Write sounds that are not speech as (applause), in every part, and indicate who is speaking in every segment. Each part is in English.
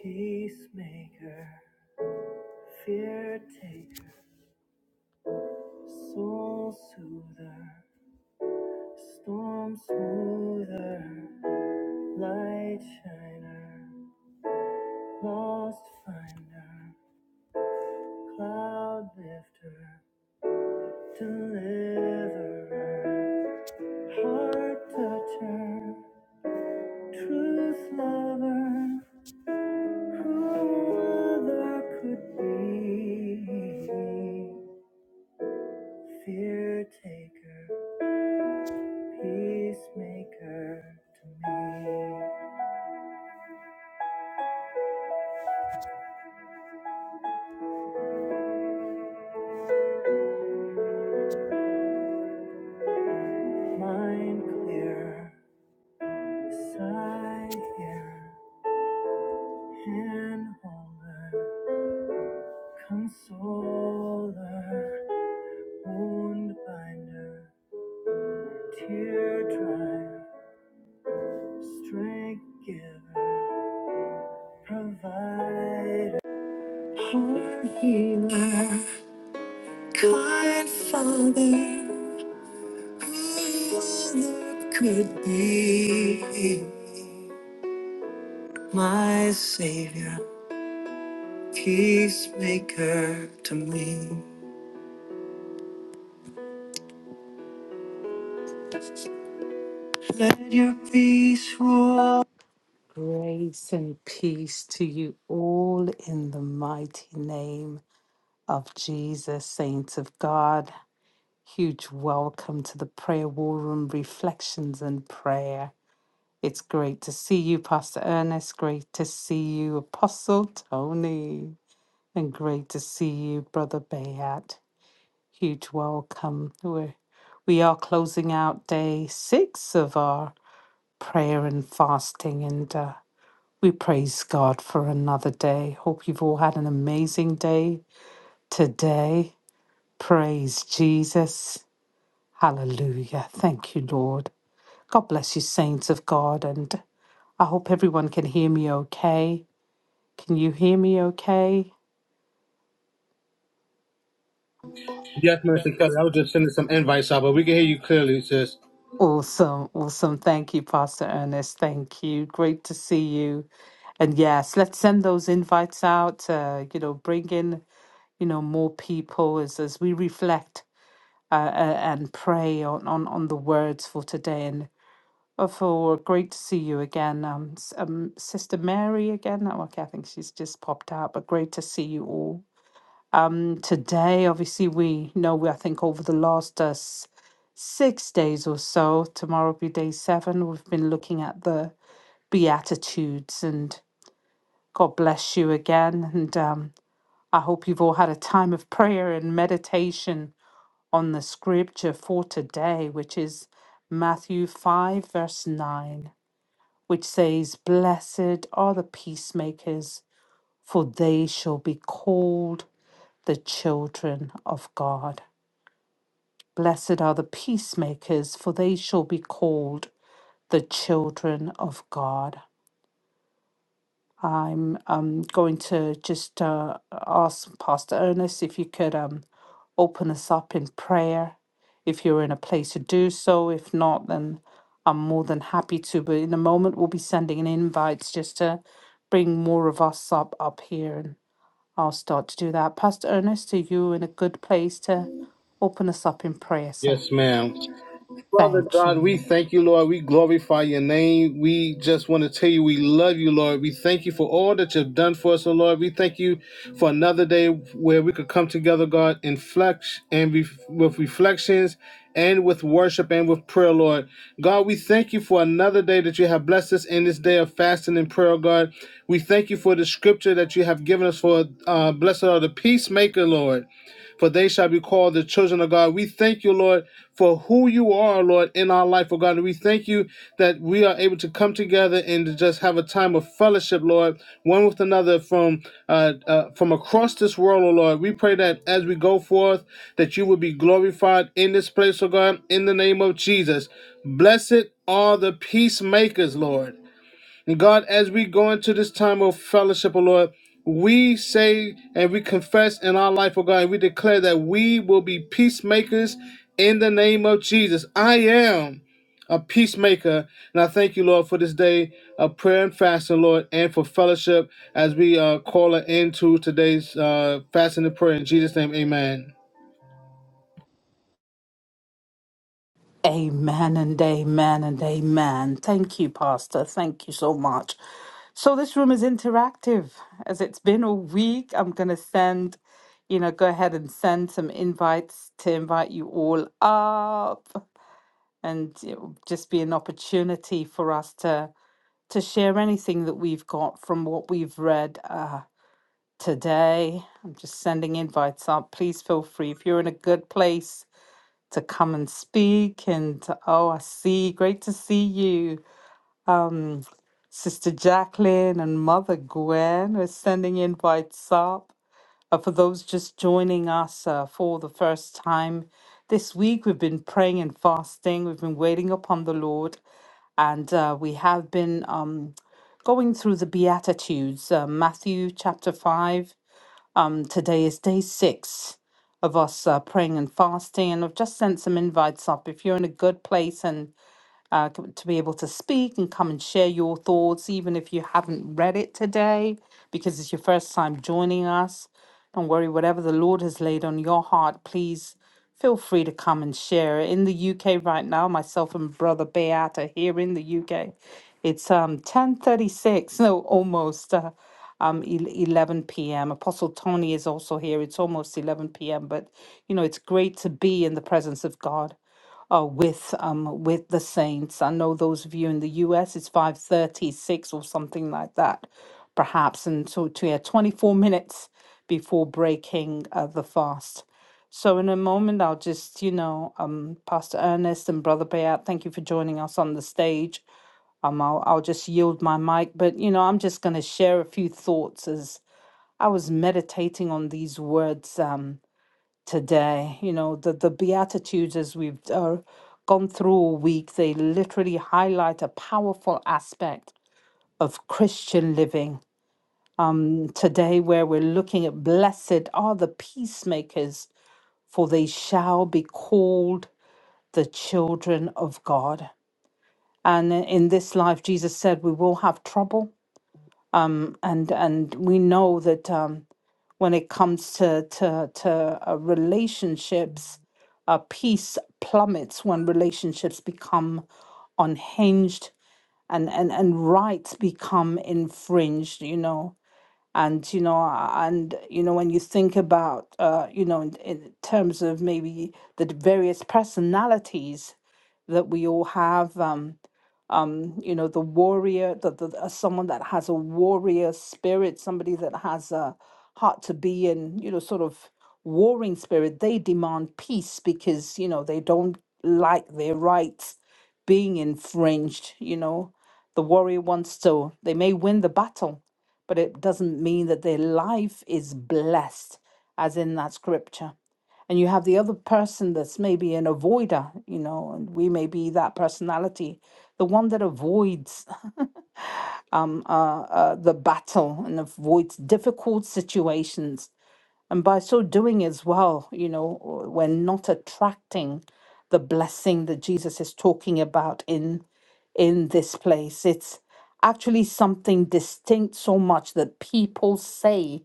Speaker 1: Peacemaker, fear taker, soul soother, storm smoother, light shiner, lost finder, cloud lifter, deliverer, heart toucher, truth lover, who other could be? Fear taker. Peacemaker to me, mind clear, desire, hand holder, consoler, wound binder, tear dryer, strength giver, provider, heart healer, kind father, all that could be. my Savior, peacemaker to me. Let your peace rule. Grace and peace to you all in the mighty name of Jesus, saints of God. Huge welcome to the Prayer War Room Reflections and Prayer. It's great to see you, Pastor Ernest. Great to see you, Apostle Tony. And great to see you, Brother Bayat. Huge welcome. We're, we are closing out day six of our prayer and fasting, and uh, we praise God for another day. Hope you've all had an amazing day today. Praise Jesus. Hallelujah. Thank you, Lord. God bless you, saints of God, and I hope everyone can hear me okay. Can you hear me okay?
Speaker 2: Yes, Mr. Kelly. I was just sending some invites out, but we can hear you clearly, sis.
Speaker 1: Awesome, awesome. Thank you, Pastor Ernest. Thank you. Great to see you. And yes, let's send those invites out. Uh, you know, bring in you know more people as as we reflect uh, uh, and pray on on on the words for today. And uh, for great to see you again, um, s- um, Sister Mary again. Oh, okay, I think she's just popped out, but great to see you all. Um, today, obviously, we know we I think over the last uh, s- six days or so, tomorrow will be day seven. We've been looking at the Beatitudes, and God bless you again. And um, I hope you've all had a time of prayer and meditation on the scripture for today, which is Matthew 5, verse 9, which says, Blessed are the peacemakers, for they shall be called the children of God. Blessed are the peacemakers, for they shall be called the children of God. I'm um, going to just uh, ask Pastor Ernest if you could um, open us up in prayer, if you're in a place to do so. If not, then I'm more than happy to. But in a moment, we'll be sending in invites just to bring more of us up up here, and I'll start to do that. Pastor Ernest, are you in a good place to open us up in prayer, sir?
Speaker 2: Yes, ma'am. Father
Speaker 1: Thank
Speaker 2: God, we
Speaker 1: you.
Speaker 2: thank you, Lord. We glorify your name. We just want to tell you we love you, Lord. We thank you for all that you've done for us, oh Lord. We thank you for another day where we could come together, God, in flex and ref- with reflections and with worship and with prayer, Lord. God, we thank you for another day that you have blessed us in this day of fasting and prayer, God. We thank you for the scripture that you have given us for uh, blessed are the peacemaker, Lord for they shall be called the children of God. We thank you, Lord, for who you are, Lord, in our life, oh God. And we thank you that we are able to come together and to just have a time of fellowship, Lord, one with another from uh, uh, from across this world, oh Lord. We pray that as we go forth, that you will be glorified in this place, oh God, in the name of Jesus. Blessed are the peacemakers, Lord and God, as we go into this time of fellowship, oh Lord, we say and we confess in our life, O God, and we declare that we will be peacemakers in the name of Jesus. I am a peacemaker. And I thank you, Lord, for this day of prayer and fasting, Lord, and for fellowship as we uh, call it into today's uh, fasting and prayer. In Jesus' name, amen.
Speaker 1: Amen and amen and amen. Thank you, Pastor. Thank you so much. So this room is interactive as it's been a week. I'm going to send, you know, go ahead and send some invites to invite you all up and it will just be an opportunity for us to to share anything that we've got from what we've read uh today. I'm just sending invites up. Please feel free if you're in a good place to come and speak. And oh, I see, great to see you. Um, Sister Jacqueline and Mother Gwen are sending invites up. Uh, for those just joining us uh, for the first time this week, we've been praying and fasting. We've been waiting upon the Lord, and uh, we have been um, going through the Beatitudes, uh, Matthew chapter 5. Um, today is day six of us uh, praying and fasting, and I've just sent some invites up. If you're in a good place and uh, c- to be able to speak and come and share your thoughts, even if you haven't read it today, because it's your first time joining us. Don't worry, whatever the Lord has laid on your heart, please feel free to come and share. In the UK right now, myself and Brother Beat are here in the UK. It's um 10:36, so (laughs) almost uh, um el- 11 p.m. Apostle Tony is also here. It's almost 11 p.m., but you know it's great to be in the presence of God uh, with um, with the saints. I know those of you in the U.S. it's five thirty six or something like that, perhaps, and so to yeah, twenty four minutes before breaking uh, the fast. So in a moment, I'll just you know, um, Pastor Ernest and Brother Bayat, thank you for joining us on the stage. Um, I'll I'll just yield my mic, but you know, I'm just going to share a few thoughts as I was meditating on these words. Um, today. You know, the, the Beatitudes, as we've uh, gone through all week, they literally highlight a powerful aspect of Christian living. And today, where we're looking at blessed are the peacemakers, for they shall be called the children of God. And in this life, Jesus said, we will have trouble. And, and we know that um. when it comes to to to uh, relationships uh, peace plummets when relationships become unhinged and and and rights become infringed you know and you know and you know when you think about uh you know in, in terms of maybe the d- various personalities that we all have Um, um you know the warrior the, the uh, someone that has a warrior spirit somebody that has a heart to be in you know sort of warring spirit they demand peace because you know they don't like their rights being infringed you know the warrior wants to they may win the battle but it doesn't mean that their life is blessed as in that scripture and you have the other person that's maybe an avoider you know and we may be that personality the one that avoids um, uh, uh, the battle and avoids difficult situations and by so doing as well, you know, we're not attracting the blessing that Jesus is talking about in in this place. It's actually something distinct so much that people say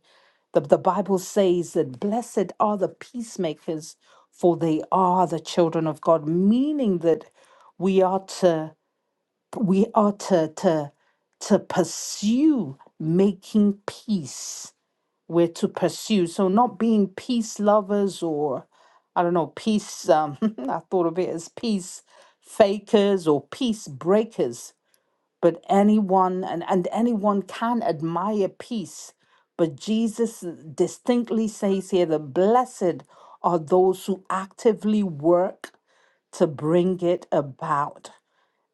Speaker 1: that the Bible says that blessed are the peacemakers, for they are the children of God, meaning that we are to we are to to to pursue making peace we're to pursue. So not being peace lovers or I don't know, peace um (laughs) I thought of it as peace fakers or peace breakers, but anyone and, and anyone can admire peace. But Jesus distinctly says here that blessed are those who actively work to bring it about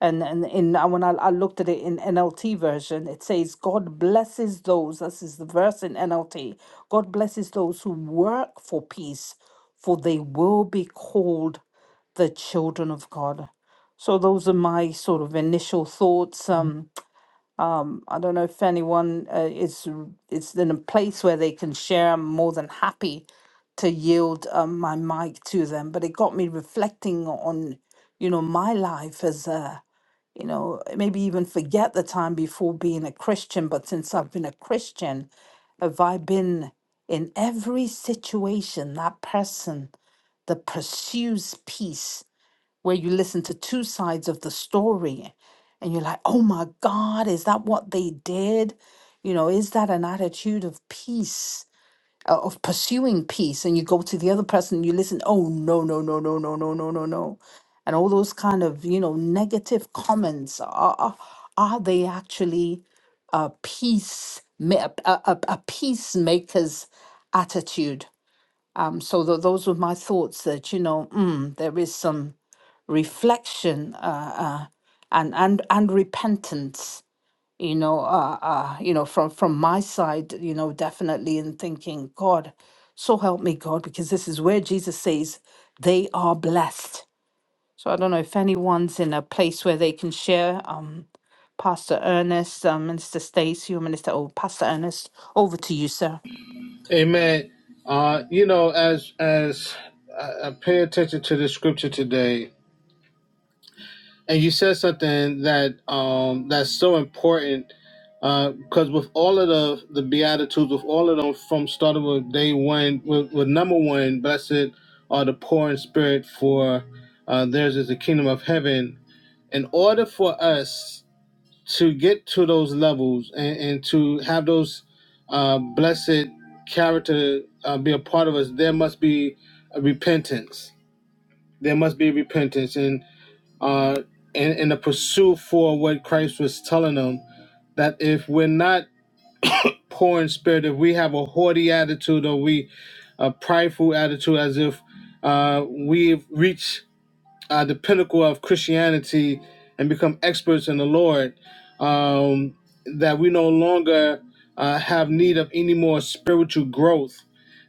Speaker 1: and and in uh, when I, I looked at it in NLT version, it says God blesses those. This is the verse in NLT. God blesses those who work for peace, for they will be called the children of God. So those are my sort of initial thoughts. Um, I don't know if anyone uh, is is in a place where they can share. I'm more than happy to yield um, my mic to them, but it got me reflecting on you know my life as a you know, maybe even forget the time before being a Christian, but since I've been a Christian, have I been in every situation that person that pursues peace, where you listen to two sides of the story and you're like, oh my God, is that what they did? You know, is that an attitude of peace? uh, of pursuing peace and you go to the other person you listen oh no no no no no no no no no and all those kind of you know negative comments are are, are they actually a peace ma- a, a, a peacemaker's attitude um so tho- those were my thoughts that you know mm, there is some reflection uh, uh and and and repentance you know uh, uh you know from from my side you know definitely in thinking god so help me god because this is where jesus says they are blessed so i don't know if anyone's in a place where they can share um pastor ernest um, minister stacy or minister oh pastor ernest over to you sir
Speaker 2: Amen. Uh, you know, as as I I pay attention to the scripture today, and you said something that um that's so important because with all of the the beatitudes with all of them from starting with day one with, with number one blessed are the poor in spirit for uh, theirs is the kingdom of heaven in order for us to get to those levels and, and to have those uh, blessed character uh, be a part of us there must be a repentance there must be repentance and uh, in, in the pursuit for what Christ was telling them that if we're not poor in spirit, if we have a haughty attitude or we a prideful attitude as if uh, we've reached uh, the pinnacle of Christianity and become experts in the Lord, um, that we no longer uh, have need of any more spiritual growth.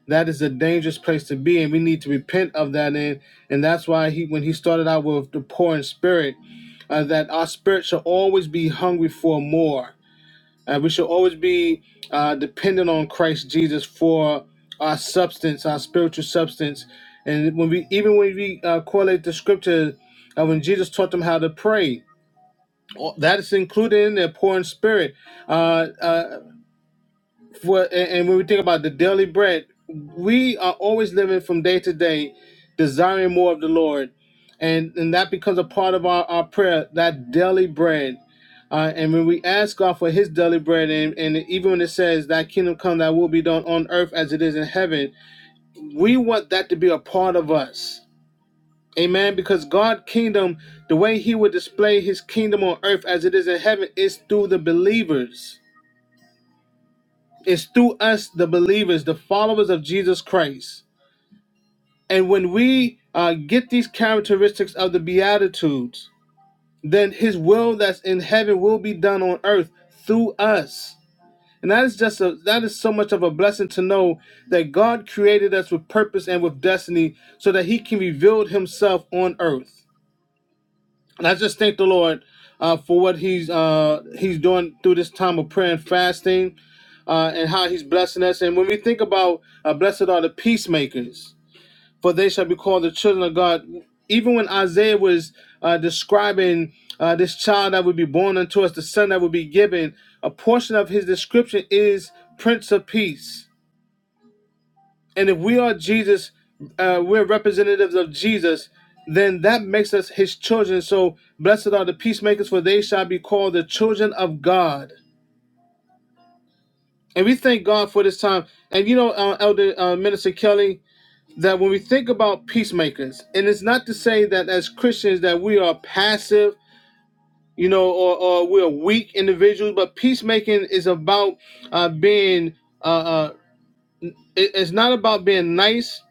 Speaker 2: That is a dangerous place to be, and we need to repent of that. And, and that's why he, when he started out with the poor in spirit, uh, that our spirit shall always be hungry for more uh, we should always be uh, dependent on Christ Jesus for our substance, our spiritual substance. And when we, even when we uh, correlate the scripture, uh, when Jesus taught them how to pray, all- that is included in their pouring spirit. Uh, uh, well, and, and when we think about the daily bread, we are always living from day to day, desiring more of the Lord, and and that becomes a part of our, our prayer. That daily bread, uh, and when we ask God for His daily bread, and and even when it says that kingdom come, that will be done on earth as it is in heaven, we want that to be a part of us. Amen. Because God' kingdom, the way He would display His kingdom on earth as it is in heaven, is through the believers is through us, the believers, the followers of Jesus Christ. And when we uh, get these characteristics of the Beatitudes, then His will that's in heaven will be done on earth through us. And that is just a, that is so much of a blessing to know that God created us with purpose and with destiny so that He can reveal Himself on earth. And I just thank the Lord uh, for what He's uh, He's doing through this time of prayer and fasting, uh, and how He's blessing us. And when we think about uh, blessed are the peacemakers, for they shall be called the children of God. Even when Isaiah was uh, describing uh, this child that would be born unto us, the son that would be given, a portion of his description is Prince of Peace and if we are Jesus, uh, we're representatives of Jesus, then that makes us his children. So blessed are the peacemakers, for they shall be called the children of God. And we thank God for this time. And you know, uh, Elder uh, Minister Kelly, that when we think about peacemakers, and it's not to say that as Christians that we are passive, you know, or, or we're weak individuals, but peacemaking is about uh, being, uh, uh, it- it's not about being nice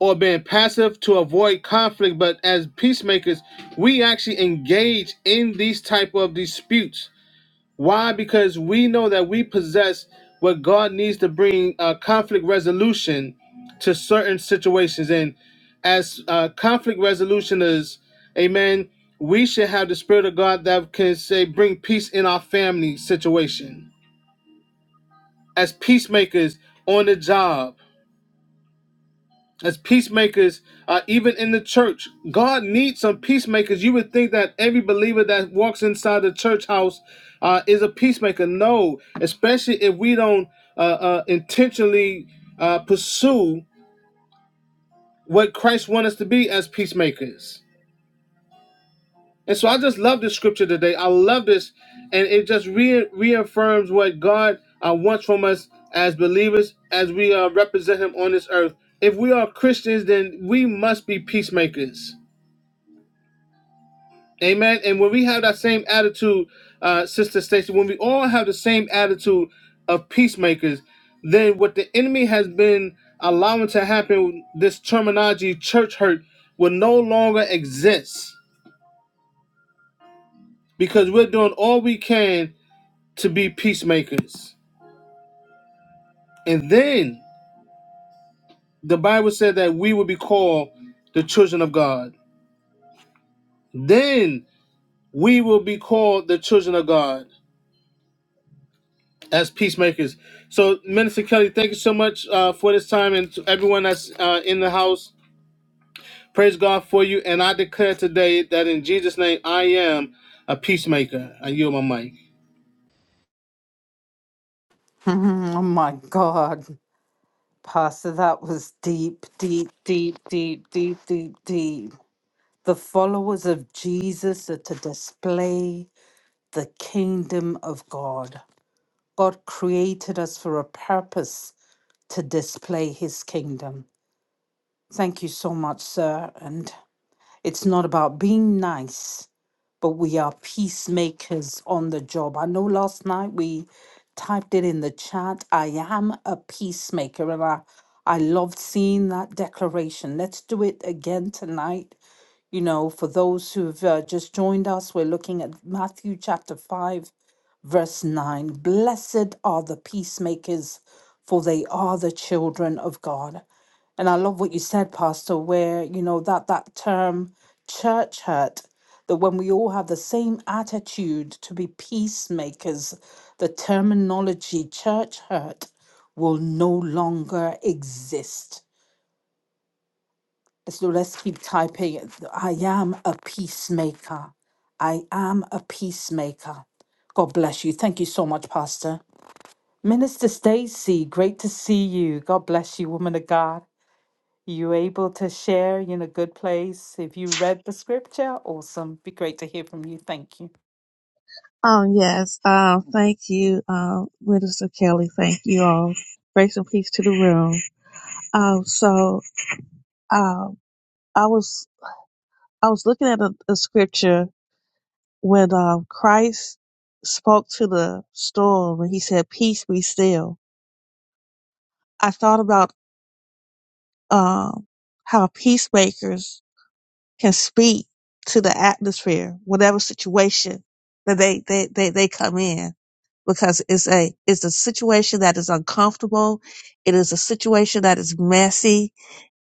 Speaker 2: or being passive to avoid conflict but as peacemakers we actually engage in these type of disputes why because we know that we possess what god needs to bring uh, conflict resolution to certain situations and as uh, conflict resolution is amen we should have the spirit of god that can say bring peace in our family situation as peacemakers on the job as peacemakers, uh, even in the church. God needs some peacemakers. You would think that every believer that walks inside the church house uh, is a peacemaker. No, especially if we don't uh, uh, intentionally uh, pursue what Christ wants us to be as peacemakers. And so I just love this scripture today. I love this, and it just re- reaffirms what God uh, wants from us as believers, as we uh, represent Him on this earth. If we are Christians, then we must be peacemakers Amen. And when we have that same attitude, uh, Sister Stacy, when we all have the same attitude of peacemakers, then what the enemy has been allowing to happen, this terminology church hurt, will no longer exist because we're doing all we can to be peacemakers. And then the Bible said that we will be called the children of God. Then we will be called the children of God. as peacemakers. So, Minister Kelly, thank you so much uh, for this time and to everyone that's uh, in the house. Praise God for you. And I declare today that in Jesus' name, I am a peacemaker. I yield my mic.
Speaker 1: (laughs) oh my god pastor that was deep deep deep deep deep deep deep the followers of jesus are to display the kingdom of God. God created us for a purpose to display his kingdom. Thank you so much, sir. And it's not about being nice, but we are peacemakers on the job. I know last night we typed it in the chat I am a peacemaker. And I, I loved seeing that declaration. Let's do it again tonight. You know, for those who've uh, just joined us, we're looking at Matthew chapter 5 Verse 9 Blessed are the peacemakers, for they are the children of God. And I love what you said, Pastor, where, you know, that, that term church hurt, that when we all have the same attitude to be peacemakers, the terminology church hurt will no longer exist. So let's keep typing. I am a peacemaker. I am a peacemaker. God bless you. Thank you so much, Pastor. Minister Stacy, great to see you. God bless you, woman of God. You able to share you in a good place? If you read the scripture, awesome. Be great to hear from you. Thank you.
Speaker 3: Oh, yes. Um, thank you, um, Minister Kelly. Thank you all. Grace and peace to the room. Um, so, um, I was, I was looking at a, a scripture when, um, Christ spoke to the storm and he said, peace be still. I thought about, um, how peacemakers can speak to the atmosphere, whatever situation that they, they, they, they come in, because it's a, it's a situation that is uncomfortable. It is a situation that is messy.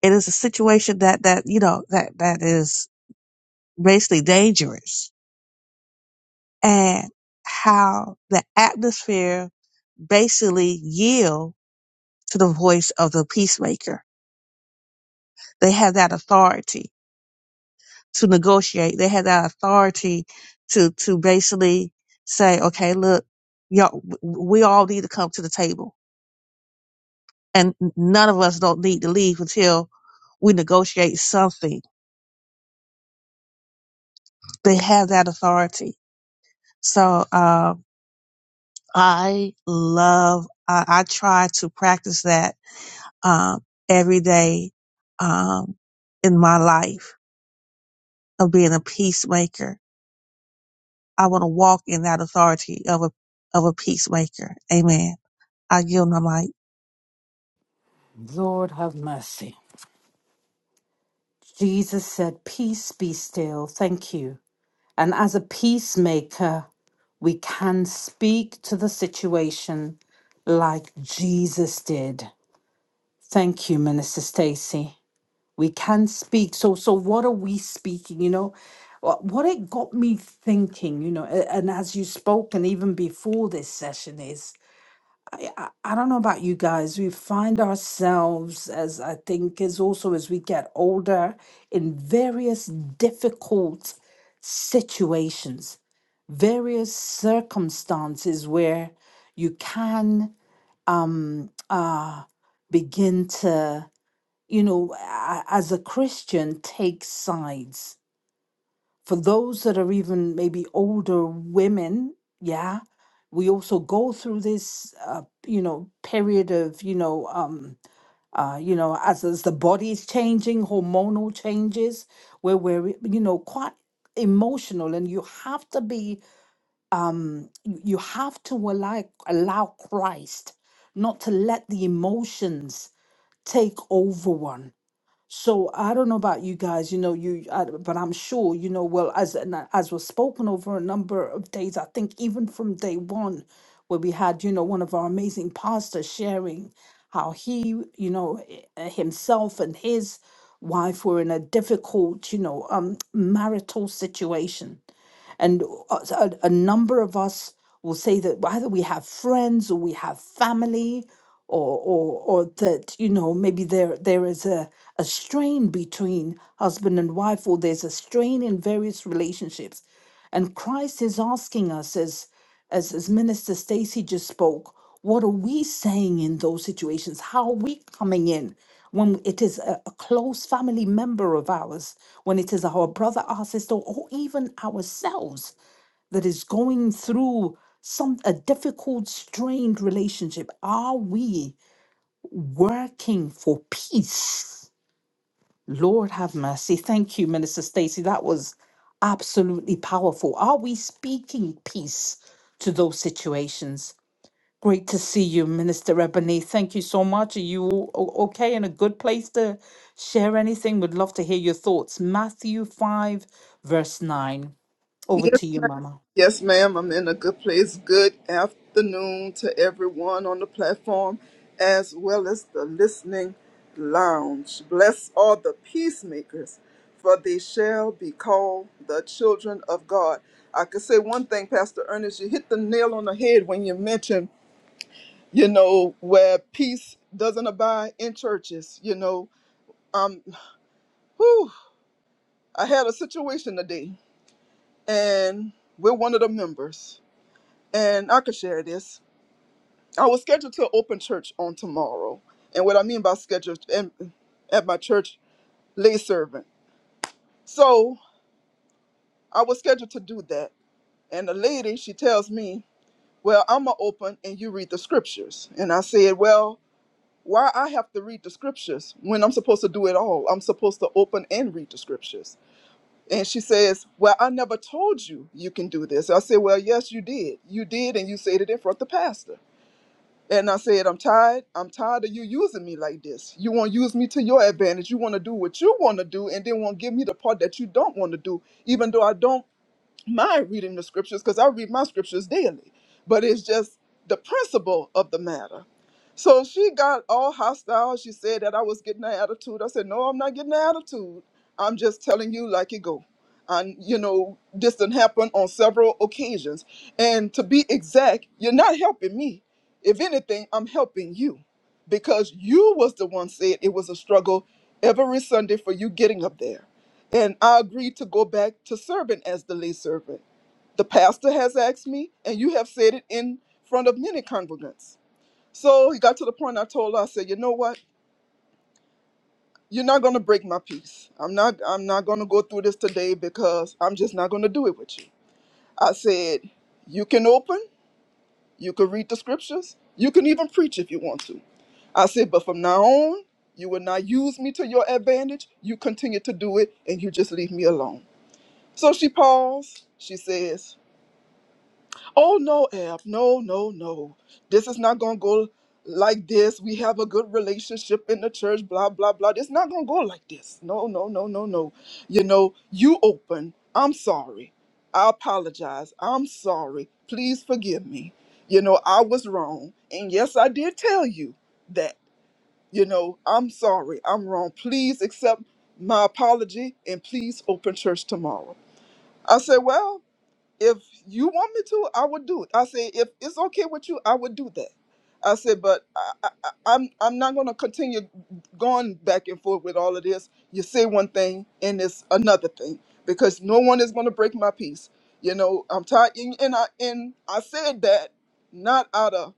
Speaker 3: It is a situation that, that, you know, that, that is basically dangerous and how the atmosphere basically yield to the voice of the peacemaker. They have that authority to negotiate. They had that authority to to basically say, okay, look, y'all, we all need to come to the table, and none of us don't need to leave until we negotiate something. They have that authority. So uh, I love. I, I try to practice that um, every day um, in my life of being a peacemaker. I want to walk in that authority of a of a peacemaker. Amen. agilnomite
Speaker 1: Lord have mercy. Jesus said, Peace be still. Thank you. And as a peacemaker, we can speak to the situation like Jesus did. Thank you, Minister Stacy. we can speak so so what are we speaking you know Wha- what it got me thinking you know a- and as you spoke and even before this session is i, I don't know about you guys we find ourselves as i think is also as we get older in various difficult situations various circumstances where you can um uh begin to you know, a- as a Christian, take sides. For those that are even maybe older women, yeah, we also go through this, uh, you know, period of, you know, um, uh, you know, as, as the body is changing, hormonal changes, where we're, you know, quite emotional, and you have to be, um, you you have to allow allow Christ, not to let the emotions take over one so I don't know about you guys, you know, you, I, but I'm sure, you know, well, as and I- as was spoken over a number of days, I think even from day one, where we had, you know, one of our amazing pastors sharing how he, you know, i- uh, himself and his wife were in a difficult, you know, um, marital situation and uh, so a, a number of us will say that either we have friends or we have family, or or or that you know maybe there there is a a strain between husband and wife, or there's a strain in various relationships. And Christ is asking us as as, as Minister Stacy just spoke, what are we saying in those situations? How are we coming in when it is a, a close family member of ours, when it is our brother, our sister, or even ourselves that is going through some a difficult, strained relationship? Are we working for peace? Lord have mercy. Thank you, Minister Stacy. That was absolutely powerful. Are we speaking peace to those situations? Great to see you, Minister Ebony. Thank you so much. Are you o- okay in a good place to share anything? Would love to hear your thoughts. Matthew 5, verse 9. Over
Speaker 4: Yes,
Speaker 1: to you,
Speaker 4: ma'am.
Speaker 1: Mama.
Speaker 4: Yes, ma'am. I'm in a good place. Good afternoon to everyone on the platform as well as the listening lounge. Bless all the peacemakers, for they shall be called the children of God. I could say one thing, Pastor Ernest, you hit the nail on the head when you mentioned, you know, where peace doesn't abide in churches, you know. Um, whew, I had a situation today and we're one of the members. and I could share this. I was scheduled to open church on tomorrow, and what I mean by scheduled and at my church, lay servant. So I was scheduled to do that, and the lady she tells me, "Well, I'm gonna open and you read the scriptures." And I said, "Well, why I have to read the scriptures when I'm supposed to do it all? I'm supposed to open and read the scriptures." And she says, "Well, I never told you you can do this." I said, "Well, yes, you did. You did, and you said it in front of the pastor." And I said, I'm tired. I'm tired of you using me like this. You want to use me to your advantage. You want to do what you want to do and then want to give me the part that you don't want to do, even though I don't mind reading the scriptures because I read my scriptures daily, but it's just the principle of the matter. So she got all hostile. She said that I was getting an attitude. I said, No, I'm not getting an attitude. I'm just telling you like it go. And you know, this done happened on several occasions. And to be exact, you're not helping me. If anything, I'm helping you. Because you was the one said it was a struggle every Sunday for you getting up there and I agreed to go back to serving as the lay servant. The pastor has asked me, and you have said it in front of many congregants. So he got to the point I told her, I said, you know what? You're not gonna break my peace. I'm not I'm not gonna go through this today because I'm just not gonna do it with you. I said, you can open, you can read the scriptures, you can even preach if you want to. I said, but from now on, you will not use me to your advantage. You continue to do it and you just leave me alone. So she paused. She says, Oh no, Ab, no, no, no. This is not gonna go like this. We have a good relationship in the church, blah, blah, blah. It's not gonna go like this. No, no, no, no, no. You know, you open. I'm sorry. I apologize. I'm sorry. Please forgive me. You know, I was wrong. And yes, I did tell you that. You know, I'm sorry. I'm wrong. Please accept my apology and please open church tomorrow. I said, well, if you want me to, I would do it. I say, if it's okay with you, I would do that. I said, but I, I, I- I'm I'm not gonna continue going back and forth with all of this. You say one thing and it's another thing because no one is gonna break my peace. You know, I'm tired, and, and I and I said that not out of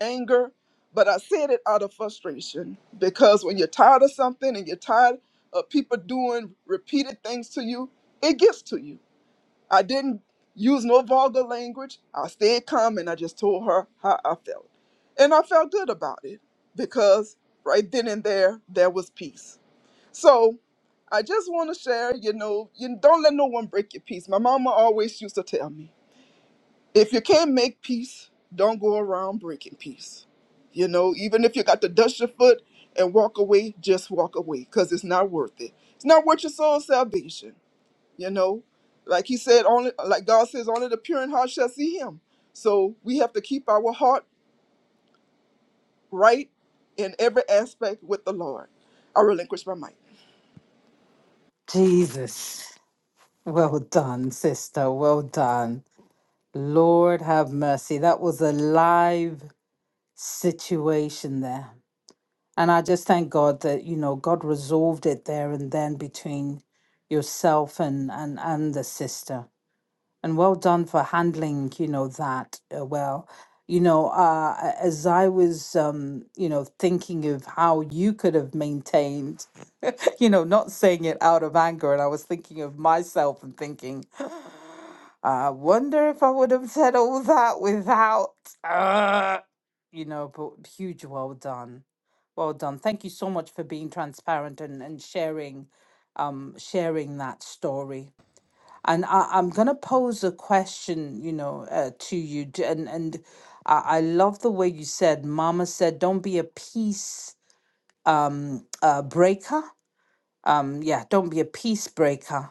Speaker 4: anger, but I said it out of frustration because when you're tired of something and you're tired of people doing repeated things to you, it gets to you I didn't use no vulgar language. I stayed calm and I just told her how I felt. And I felt good about it because right then and there, there was peace. So I just want to share, you know, you don't let no one break your peace. My mama always used to tell me, if you can't make peace, don't go around breaking peace. You know, even if you got to dust your foot and walk away, just walk away because it's not worth it. It's not worth your soul's salvation. You know, like he said, only like God says, only the pure in heart shall see him. So we have to keep our heart right in every aspect with the Lord. I relinquish my mic.
Speaker 1: Jesus. Well done, sister. Well done. Lord have mercy. That was a live situation there. And I just thank God that, you know, God resolved it there and then between yourself and and and the sister and well done for handling you know that uh, well you know uh a- as i was um you know thinking of how you could have maintained (laughs) you know not saying it out of anger and i was thinking of myself and thinking (gasps) i wonder if i would have said all that without uh, you know but huge well done well done thank you so much for being transparent and and sharing um sharing that story and I, I'm going to pose a question, you know, uh, to you. d- And and I, I love the way you said, Mama said, don't be a peace um, uh, breaker. Um, yeah, don't be a peace breaker.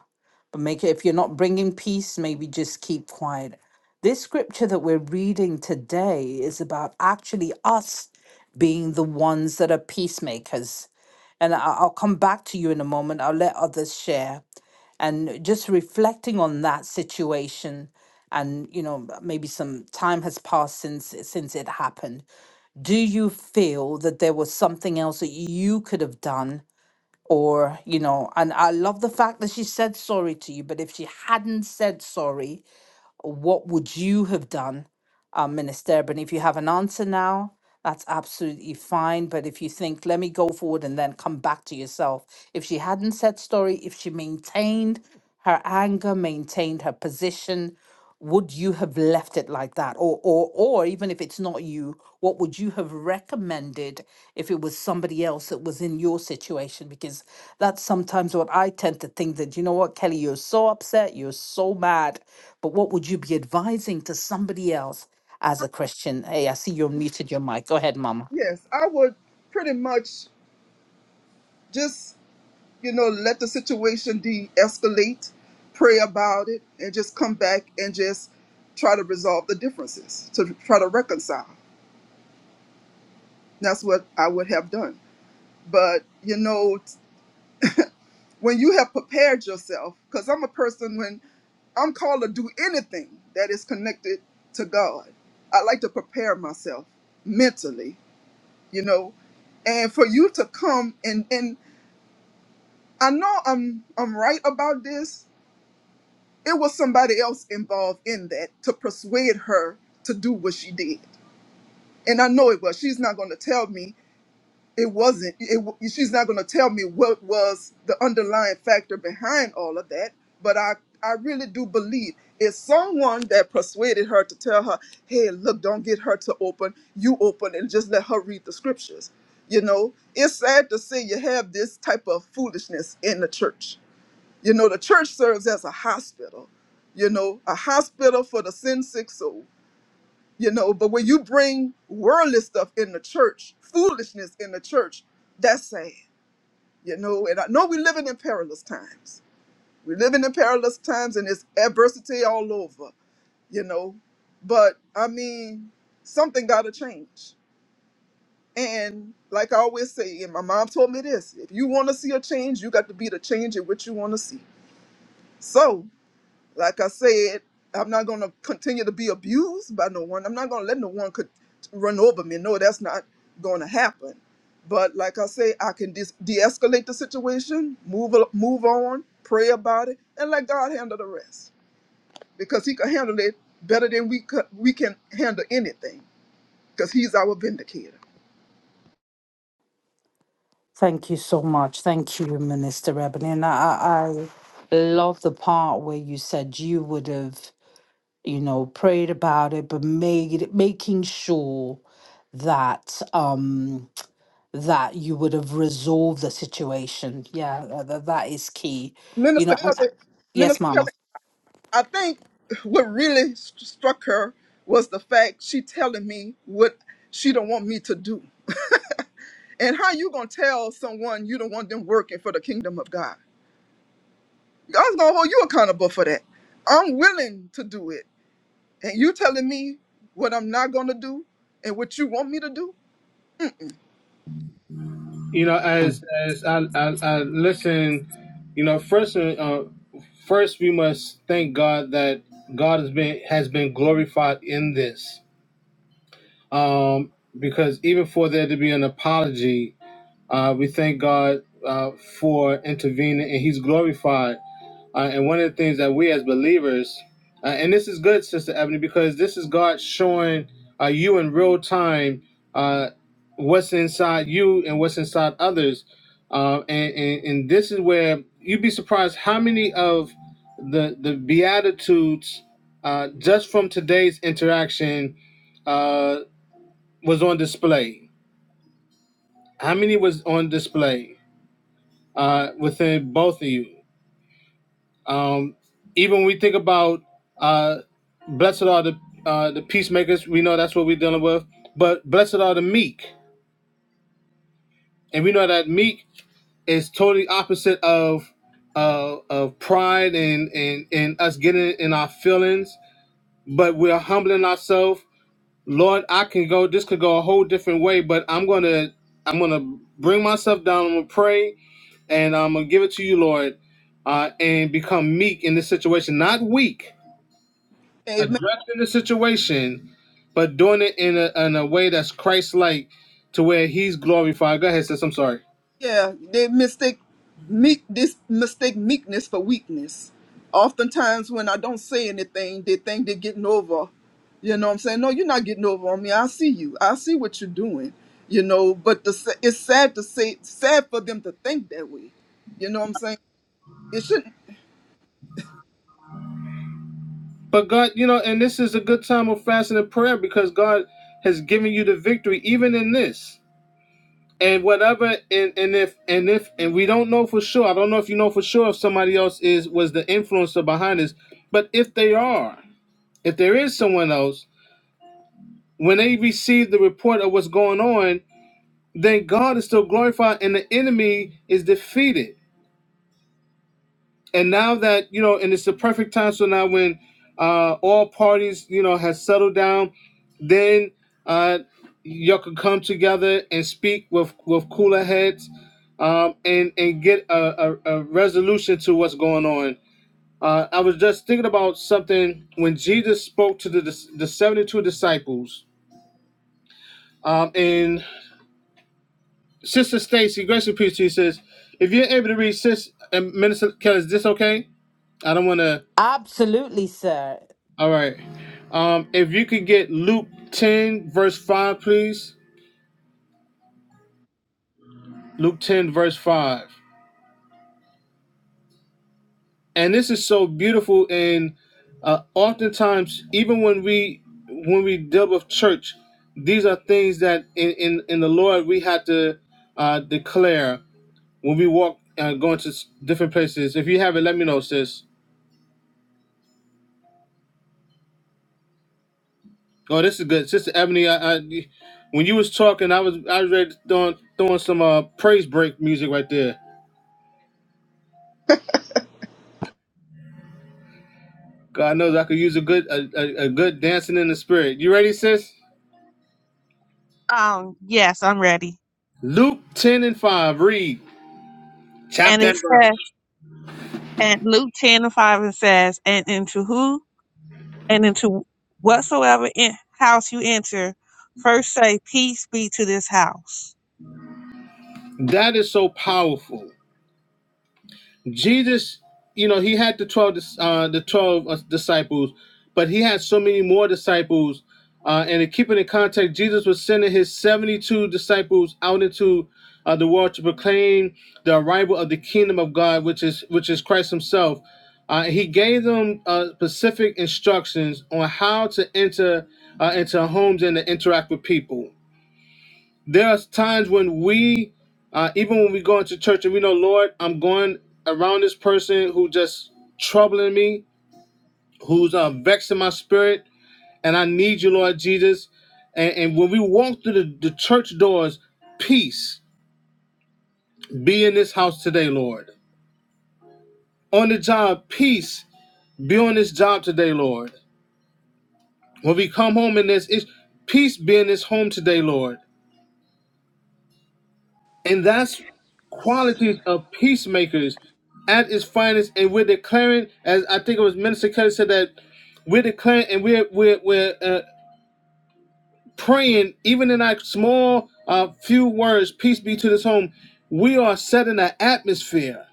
Speaker 1: But make it, if you're not bringing peace, maybe just keep quiet. This scripture that we're reading today is about actually us being the ones that are peacemakers. And I, I'll come back to you in a moment. I'll let others share and just reflecting on that situation and you know maybe some time has passed since since it happened do you feel that there was something else that you could have done or you know and i love the fact that she said sorry to you but if she hadn't said sorry what would you have done uh, Minister but If you have an answer now, that's absolutely fine. But if you think, let me go forward and then come back to yourself. If she hadn't said story, if she maintained her anger, maintained her position, would you have left it like that? Or, or, or even if it's not you, what would you have recommended if it was somebody else that was in your situation? Because that's sometimes what I tend to think that, you know what, Kelly, you're so upset, you're so mad, but what would you be advising to somebody else? as a Christian. Hey, I see you unmuted your mic. Go ahead, Mama.
Speaker 4: Yes, I would pretty much just, you know, let the situation de escalate, pray about it, and just come back and just try to resolve the differences, to try to reconcile. That's what I would have done. But, you know, when you have prepared yourself, because I'm a person when I'm called to do anything that is connected to God, I like to prepare myself mentally, you know, and for you to come and and I know I'm I'm right about this. It was somebody else involved in that to persuade her to do what she did, and I know it was. She's not going to tell me it wasn't it, w- she's not going to tell me what was the underlying factor behind all of that but i i really do believe it's someone that persuaded her to tell her hey look don't get her to open you open and just let her read the scriptures you know it's sad to say you have this type of foolishness in the church you know the church serves as a hospital you know a hospital for the sin sick soul you know but when you bring worldly stuff in the church foolishness in the church that's sad you know and i know we're living in perilous times we're living in perilous times and it's adversity all over you know but i mean something gotta change and like i always say and my mom told me this if you want to see a change you got to be the change in what you want to see so like I said, I'm not going to continue to be abused by no one. I'm not going to let no one could run over me. No, that's not going to happen. But like I say, I can de- de-escalate the situation, move al- move on, pray about it, and let God handle the rest because He can handle it better than we could, we can handle anything because He's our vindicator.
Speaker 1: Thank you so much. Thank you, Minister Ebony. And I, I love the part where you said you would have, you know, prayed about it, but made it- making sure that um that you would have resolved the situation. Yeah, that, that is key. You
Speaker 4: Minister
Speaker 1: know, and,
Speaker 4: Kelly,
Speaker 1: yes,
Speaker 4: Minister Kelly,
Speaker 1: Mama.
Speaker 4: I think what really st- struck her was the fact she telling me what she don't want me to do. (laughs) And how you gonna tell someone you don't want them working for the kingdom of God? God's gonna hold you accountable for that. I'm willing to do it, and you telling me what I'm not gonna do and what you want me to do?
Speaker 2: You know, as as I, I, I listen, you know, first uh, first we must thank God that God has been has been glorified in this. Um, because even for there to be an apology Uh, we thank God uh, for intervening, and He's glorified. Uh, and one of the things that we as believers, uh, and this is good, Sister Ebony, because this is God showing uh, you in real time uh, what's inside you and what's inside others. Uh, and, and, and this is where you'd be surprised how many of the the beatitudes uh, just from today's interaction uh, was on display. How many was on display? uh, within both of you. Um, even when we think about uh, blessed are the uh, the peacemakers, we know that's what we're dealing with. But blessed are the meek, and we know that meek is totally opposite of uh, of pride and, and and us getting in our feelings. But we're humbling ourselves. Lord, I can go. This could go a whole different way, but I'm gonna I'm gonna bring myself down. I'm gonna pray and I'm gonna give it to you, Lord, uh, and become meek in this situation, not weak, addressing the situation, but doing it in a in a way that's Christ-like, to where He's glorified. Go ahead, sis. I'm sorry,
Speaker 4: Yeah, they mistake meek this mistake meekness for weakness. Oftentimes when I don't say anything, they think they're getting over. You know what I'm saying? No, you're not getting over on me. I see you. I see what you're doing. You know, but the, sa- it's sad to say, sad for them to think that way. You know what I'm saying? It shouldn't.
Speaker 2: but God, you know, and this is a good time of fasting and prayer because God has given you the victory, even in this. And whatever, and, and if and if and we don't know for sure. I don't know if you know for sure if somebody else is was the influencer behind this, but if they are, if there is someone else when they receive the report of what's going on, then God is still glorified and the enemy is defeated. And now that, you know, and it's the perfect time. So now when uh, all parties, you know, has settled down, then uh, y'all can come together and speak with, with cooler heads um, and, and get a, a, a resolution to what's going on. Uh, I was just thinking about something when Jesus spoke to the, the 72 disciples. um, in Sister Stacy, grace and peace to you, sis. If you're able to read sis and Minister Kelly, is this okay? I don't want to.
Speaker 1: Absolutely, sir.
Speaker 2: All right. Um, if you could get Luke 10, verse 5, please. Luke 10, verse 5. And this is so beautiful. And uh, oftentimes, even when we when we deal with church, these are things that in, in, in the Lord we had to uh, declare when we walk uh, going to s- different places. If you have it, let me know, sis. Oh, this is good, Sister Ebony. I, I when you was talking, I was I was ready to throwing throwing some uh praise break music right there. God knows I could use a good a, a, a good dancing in the spirit. You ready, sis?
Speaker 3: Um, yes, I'm ready.
Speaker 2: Luke ten and five. Read
Speaker 3: And
Speaker 2: chapter
Speaker 3: it
Speaker 2: and verse.
Speaker 3: says, and Luke 10 and 5, it says, and into who, and into whatsoever in, house you enter, first say, peace be to this house.
Speaker 2: That is so powerful. Jesus, you know, he had the twelve, uh, the twelve uh, disciples, but he had so many more disciples. Uh, and to keep it in context, Jesus was sending his seventy-two disciples out into uh, the world to proclaim the arrival of the kingdom of God, which is which is Christ Himself. Uh, he gave them uh, specific instructions on how to enter uh, into homes and to interact with people there's times when we uh, even when we go into church and we know lord i'm going around this person who just troubling me who's uh, vexing my spirit and i need you lord jesus and, and when we walk through the, the church doors peace be in this house today lord on the job peace be on this job today lord when we come home in this it's peace be in this home today lord And that's qualities of peacemakers at its finest. And we're declaring, as I think it was Minister Kelly said, that we're declaring and we're, we're, we're uh, praying, even in our small uh, few words, peace be to this home, we are setting an atmosphere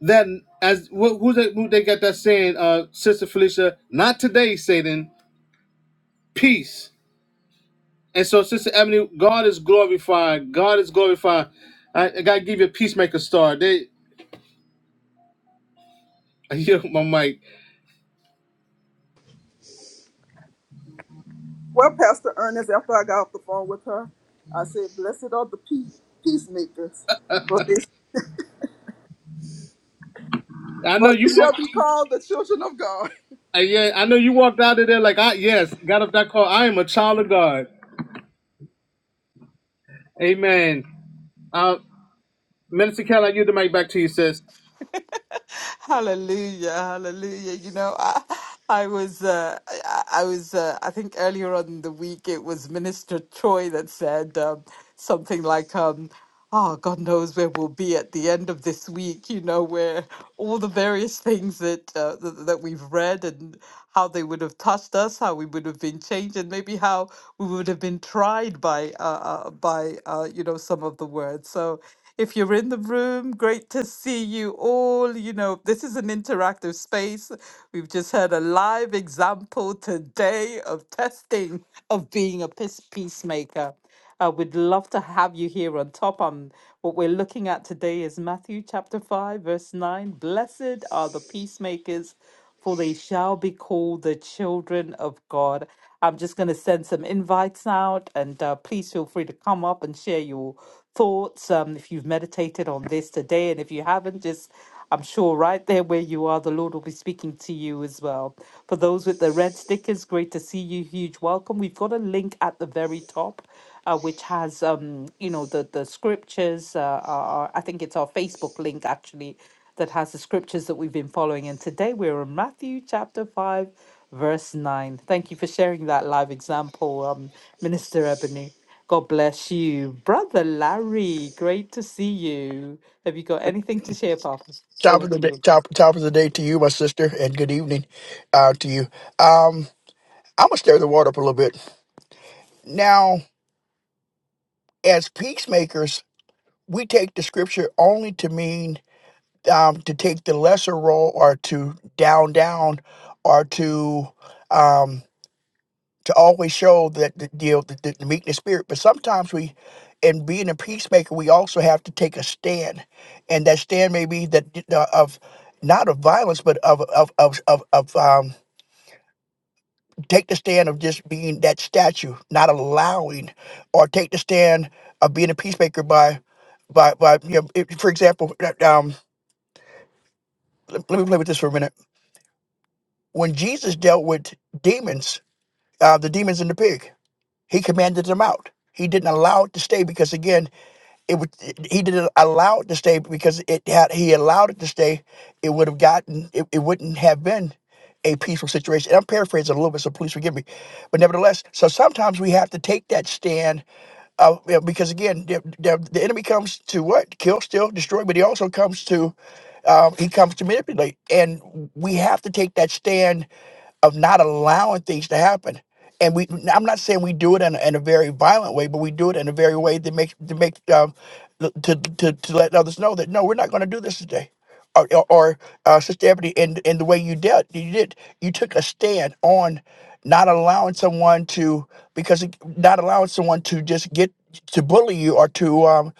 Speaker 2: that, as wh- who they, who they got that saying, uh, Sister Felicia, not today, Satan, peace. And so, Sister Ebony, God is glorified. God is glorified. I, I got to give you a peacemaker star. They. (laughs) Yeah, my mic.
Speaker 4: Well, Pastor Ernest, after I got off the phone with her, I said, "Blessed are the pe- peacemakers, for they,
Speaker 2: I know
Speaker 4: for they
Speaker 2: you
Speaker 4: shall
Speaker 2: walked.
Speaker 4: be called the children of God."
Speaker 2: uh, Yeah, I know you walked out of there like I yes got up that call. I am a child of God. Amen. Uh, Minister Kelly, I give the mic back to you, sis.
Speaker 1: (laughs) Hallelujah, hallelujah. You know, I, I was, uh, I, I was, uh, I think earlier on in the week it was Minister Troy that said um, something like. um, oh, God knows where we'll be at the end of this week, you know, where all the various things that uh, th- that we've read and how they would have touched us, how we would have been changed, and maybe how we would have been tried by uh, uh, by uh, you know some of the words. So if you're in the room, great to see you all. You know, this is an interactive space. We've just had a live example today of testing of being a peace- peacemaker. Uh, we'd love to have you here on top. Um, what we're looking at today is Matthew chapter 5, verse 9. Blessed are the peacemakers, for they shall be called the children of God. I'm just going to send some invites out, and uh, please feel free to come up and share your thoughts um, if you've meditated on this today. And if you haven't, just I'm sure right there where you are, the Lord will be speaking to you as well. For those with the red stickers, great to see you. Huge welcome. We've got a link at the very top, uh, which has um, you know, the the scriptures. Uh, our, our- I think it's our Facebook link actually that has the scriptures that we've been following. And today we're in Matthew chapter five, verse nine. Thank you for sharing that live example, um, Minister Ebony. God bless you. Brother Larry, great to see you. Have you got anything to share, Papa?
Speaker 5: Top
Speaker 1: Over
Speaker 5: of the
Speaker 1: to
Speaker 5: day,
Speaker 1: you.
Speaker 5: top top of the day to you, my sister, and good evening uh, to you. Um, I'm gonna stir the water up a little bit. Now, as peacemakers, we take the scripture only to mean um, to take the lesser role, or to down down, or to um, to always show that the deal the, the, the meekness spirit. But sometimes we, in being a peacemaker, we also have to take a stand, and that stand may be that uh, of not of violence, but of of of of, of um take the stand of just being that statue, not allowing, or take the stand of being a peacemaker by, by, by you know, if, for example, uh, um, let, let me play with this for a minute. When Jesus dealt with demons, uh, the demons in the pig, he commanded them out. He didn't allow it to stay because again, It was, he didn't allow it to stay because it had he allowed it to stay, it would have gotten it, it wouldn't have been a peaceful situation. And I'm paraphrasing a little bit, so please forgive me. But nevertheless, so sometimes we have to take that stand uh, yeah, because again, the, the, the enemy comes to what? Kill, steal, destroy, but he also comes to, um, he comes to manipulate. And we have to take that stand of not allowing things to happen. And we, I'm not saying we do it in, a- in a very violent way, but we do it in a very way that makes to make um, l- to, to to let others know that no, we're not going to do this today. Or, or or, uh, Sister Ebony, in in the way you dealt, you did, you took a stand on not allowing someone to because not allowing someone to just get to bully you or to um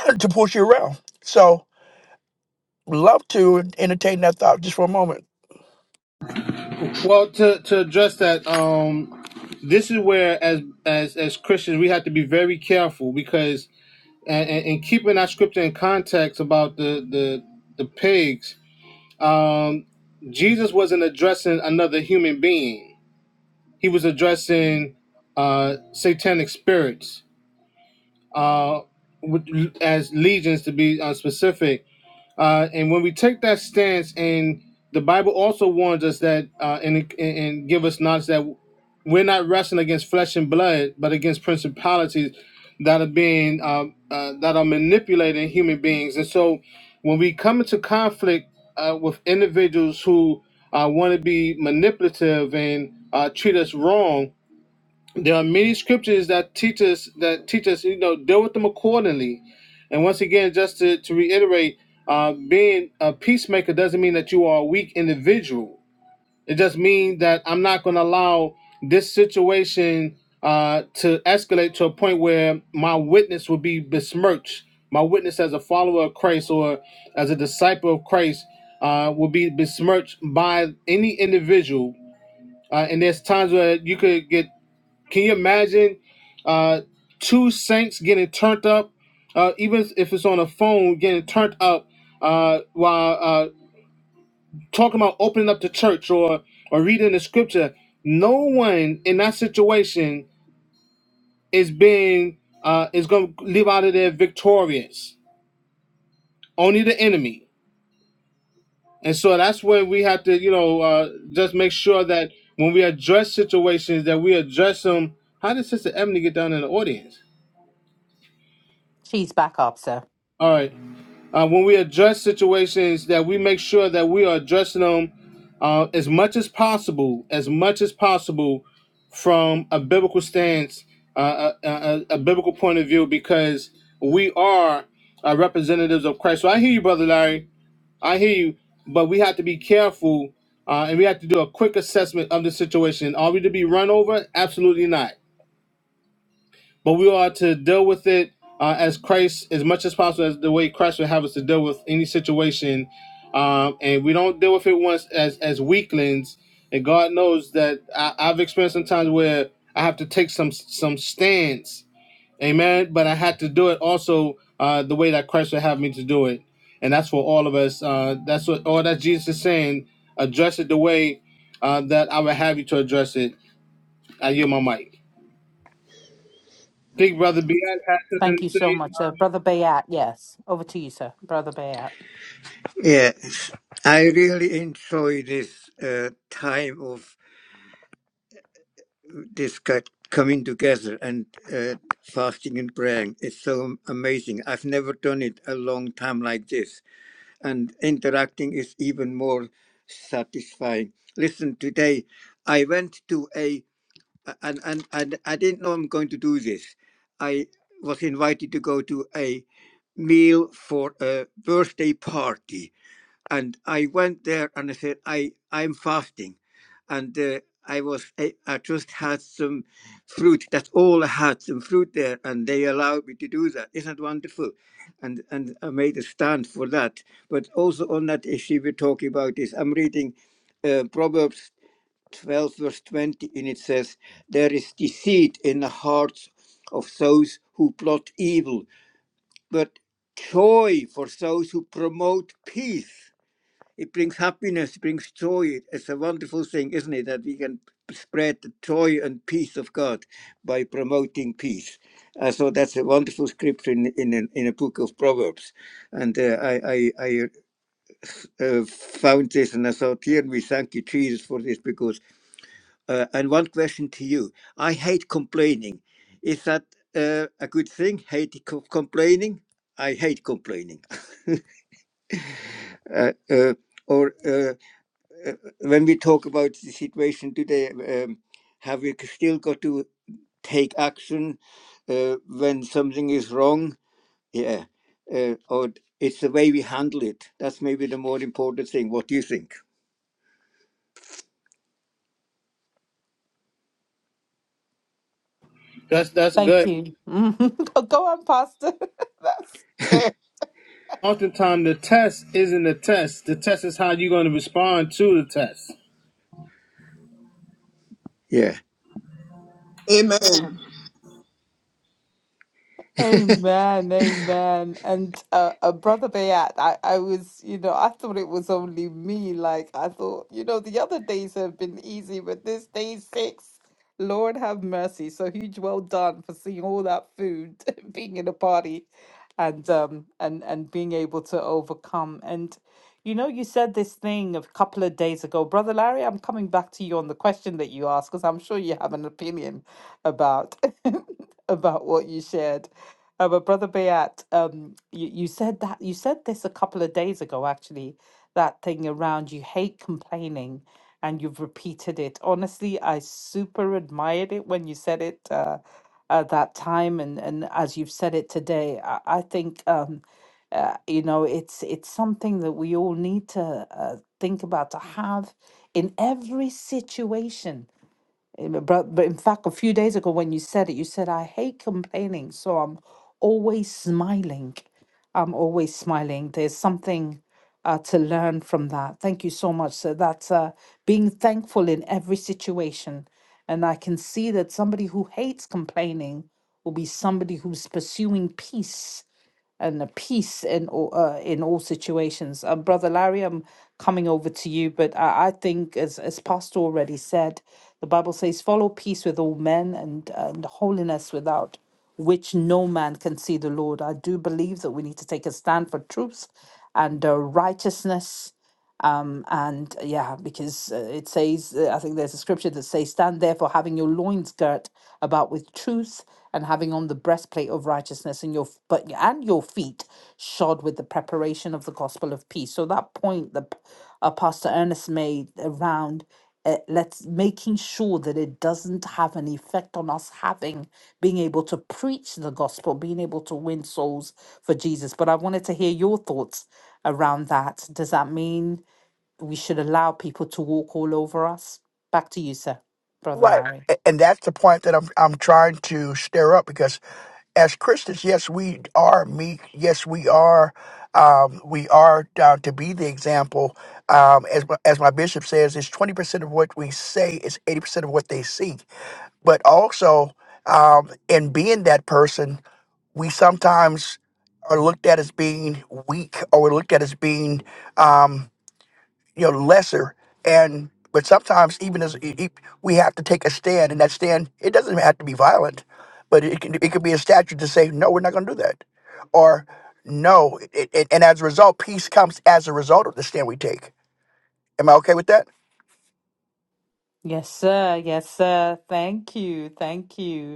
Speaker 5: (clears throat) to push you around. So love to entertain that thought just for a moment.
Speaker 2: Well, to to address that, um, this is where as as as Christians we have to be very careful because and, and, and keeping our scripture in context about the the the pigs. Um, Jesus wasn't addressing another human being. He was addressing uh satanic spirits uh, with, as legions to be uh, specific. Uh, and when we take that stance, and the Bible also warns us that uh, and and give us knowledge that we're not wrestling against flesh and blood, but against principalities that are being um, uh, that are manipulating human beings. And so, when we come into conflict uh, with individuals who uh, want to be manipulative and uh, treat us wrong, there are many scriptures that teach us that teach us, you know, deal with them accordingly. And once again, just to, to reiterate, uh, being a peacemaker doesn't mean that you are a weak individual. It just means that I'm not going to allow this situation uh, to escalate to a point where my witness will be besmirched. My witness as a follower of Christ or as a disciple of Christ uh, will be besmirched by any individual. Uh, and there's times where you could get can you imagine uh, two saints getting turned up, uh, even if it's on a phone, getting turned up uh, while uh, talking about opening up the church or or reading the scripture? No one in that situation is being uh, is going to leave out of there victorious. Only the enemy, and so that's where we have to, you know, uh, just make sure that when we address situations, that we address them. How did Sister Ebony get down in the audience?
Speaker 1: She's back up, sir.
Speaker 2: All right. uh, when we address situations that we make sure that we are addressing them uh, as much as possible as much as possible from a biblical stance uh, a, a, a biblical point of view because we are uh, representatives of christ so i hear you brother larry i hear you but we have to be careful uh, and we have to do a quick assessment of the situation are we to be run over absolutely not but we are to deal with it uh, as Christ, as much as possible, as the way Christ would have us to deal with any situation. Um, and we don't deal with it once as as weaklings. And God knows that I, I've experienced some times where I have to take some some stance, Amen. But I had to do it also uh, the way that Christ would have me to do it, and that's for all of us. Uh, that's what all that Jesus is saying. Address it the way uh, that I would have you to address it. I hear my mic. Big brother, be had
Speaker 1: Thank
Speaker 2: something
Speaker 1: you
Speaker 2: to
Speaker 1: so
Speaker 2: say.
Speaker 1: much, sir.
Speaker 2: Um,
Speaker 1: Brother Bayat, yes. Over to you, sir. Brother Bayat.
Speaker 6: Yes, I really enjoy this uh, time of this co- coming together and uh, fasting and praying. It's so amazing. I've never done it a long time like this, and interacting is even more satisfying. Listen, today I went to a and and, and I didn't know I'm going to do this. I was invited to go to a meal for a birthday party and I went there and I said, I, I'm fasting. And uh, I was, I, I just had some fruit. That's all I had, some fruit there. And they allowed me to do that. Isn't that wonderful? And, and I made a stand for that. But also on that issue we're talking about is I'm reading uh, Proverbs 12, verse 20, and it says, There is deceit in the hearts of those who plot evil, but joy for those who promote peace. It brings happiness, it brings joy. It's a wonderful thing, isn't it, that we can spread the joy and peace of God by promoting peace. Uh, so that's a wonderful scripture in in a, in a book of Proverbs, and uh, I I, I uh, found this and I thought, here we thank you Jesus for this because. Uh, and one question to you: I hate complaining. Is that uh, a good thing? Hate co- complaining. I hate complaining. (laughs) Uh, uh, or uh, uh, when we talk about the situation today, um, have we still got to take action uh, when something is wrong? Yeah, uh, or it's the way we handle it. That's maybe the more important thing. What do you think?
Speaker 2: That's that's
Speaker 1: Thank
Speaker 2: good.
Speaker 1: you. (laughs) Go on, Pastor. (laughs) That's good.
Speaker 2: Oftentimes the test isn't the test. The test is how you're going to respond to the test.
Speaker 6: Yeah,
Speaker 4: (laughs) Amen.
Speaker 1: Amen, amen. And uh, uh, Brother Bayat, I, I was, you know, I thought it was only me. Like, I thought, you know, the other days have been easy, but this day six, Lord have mercy. So huge well done for seeing all that food, (laughs) being in a party and um and and being able to overcome. And you know, you said this thing a couple of days ago. Brother Larry, I'm coming back to you on the question that you asked because I'm sure you have an opinion about (laughs) about what you shared. Uh, but Brother Bayat, um, you, you said that you said this a couple of days ago, actually, that thing around you hate complaining and you've repeated it. Honestly, I super admired it when you said it uh, at that time and, and as you've said it today. I, I think um, uh, you know it's it's something that we all need to uh, think about to have in every situation Amen. But, but in fact, a few days ago when you said it, you said, I hate complaining, so I'm always smiling. I'm always smiling. There's something uh, to learn from that. Thank you so much. So that's uh, being thankful in every situation. And I can see that somebody who hates complaining will be somebody who's pursuing peace and a peace in all uh, in all situations. Uh, Brother Larry, I'm coming over to you, but I, I think as as Pastor already said, the Bible says, "Follow peace with all men and and holiness without." Which no man can see the Lord. I do believe that we need to take a stand for truth and uh, righteousness um, and uh, yeah, because uh, it says, uh, I think there's a scripture that says, Stand therefore, having your loins girt about with truth, and having on the breastplate of righteousness, and your f- but and your feet shod with the preparation of the gospel of peace. So that point that P- uh, Pastor Ernest made around uh, let's making sure that it doesn't have an effect on us having being able to preach the gospel, being able to win souls for Jesus. But I wanted to hear your thoughts around that. Does that mean? we should allow people to walk all over us. Back to you, sir, Brother
Speaker 5: Right.
Speaker 1: Larry.
Speaker 5: A- And that's the point that I'm I'm trying to stir up because as Christians, yes, we are meek. Yes, we are um, we are down to be the example. Um, as my- as my bishop says, it's twenty percent of what we say is eighty percent of what they see. But also, um, in being that person, we sometimes are looked at as being weak or we're looked at as being um, you know lesser and but sometimes even as e- e- we have to take a stand and that stand it doesn't have to be violent but it can, it could be a statute to say no we're not going to do that or no it, it, and as a result peace comes as a result of the stand we take am i okay with that
Speaker 1: Yes, sir. Yes, sir. Thank you. Thank you.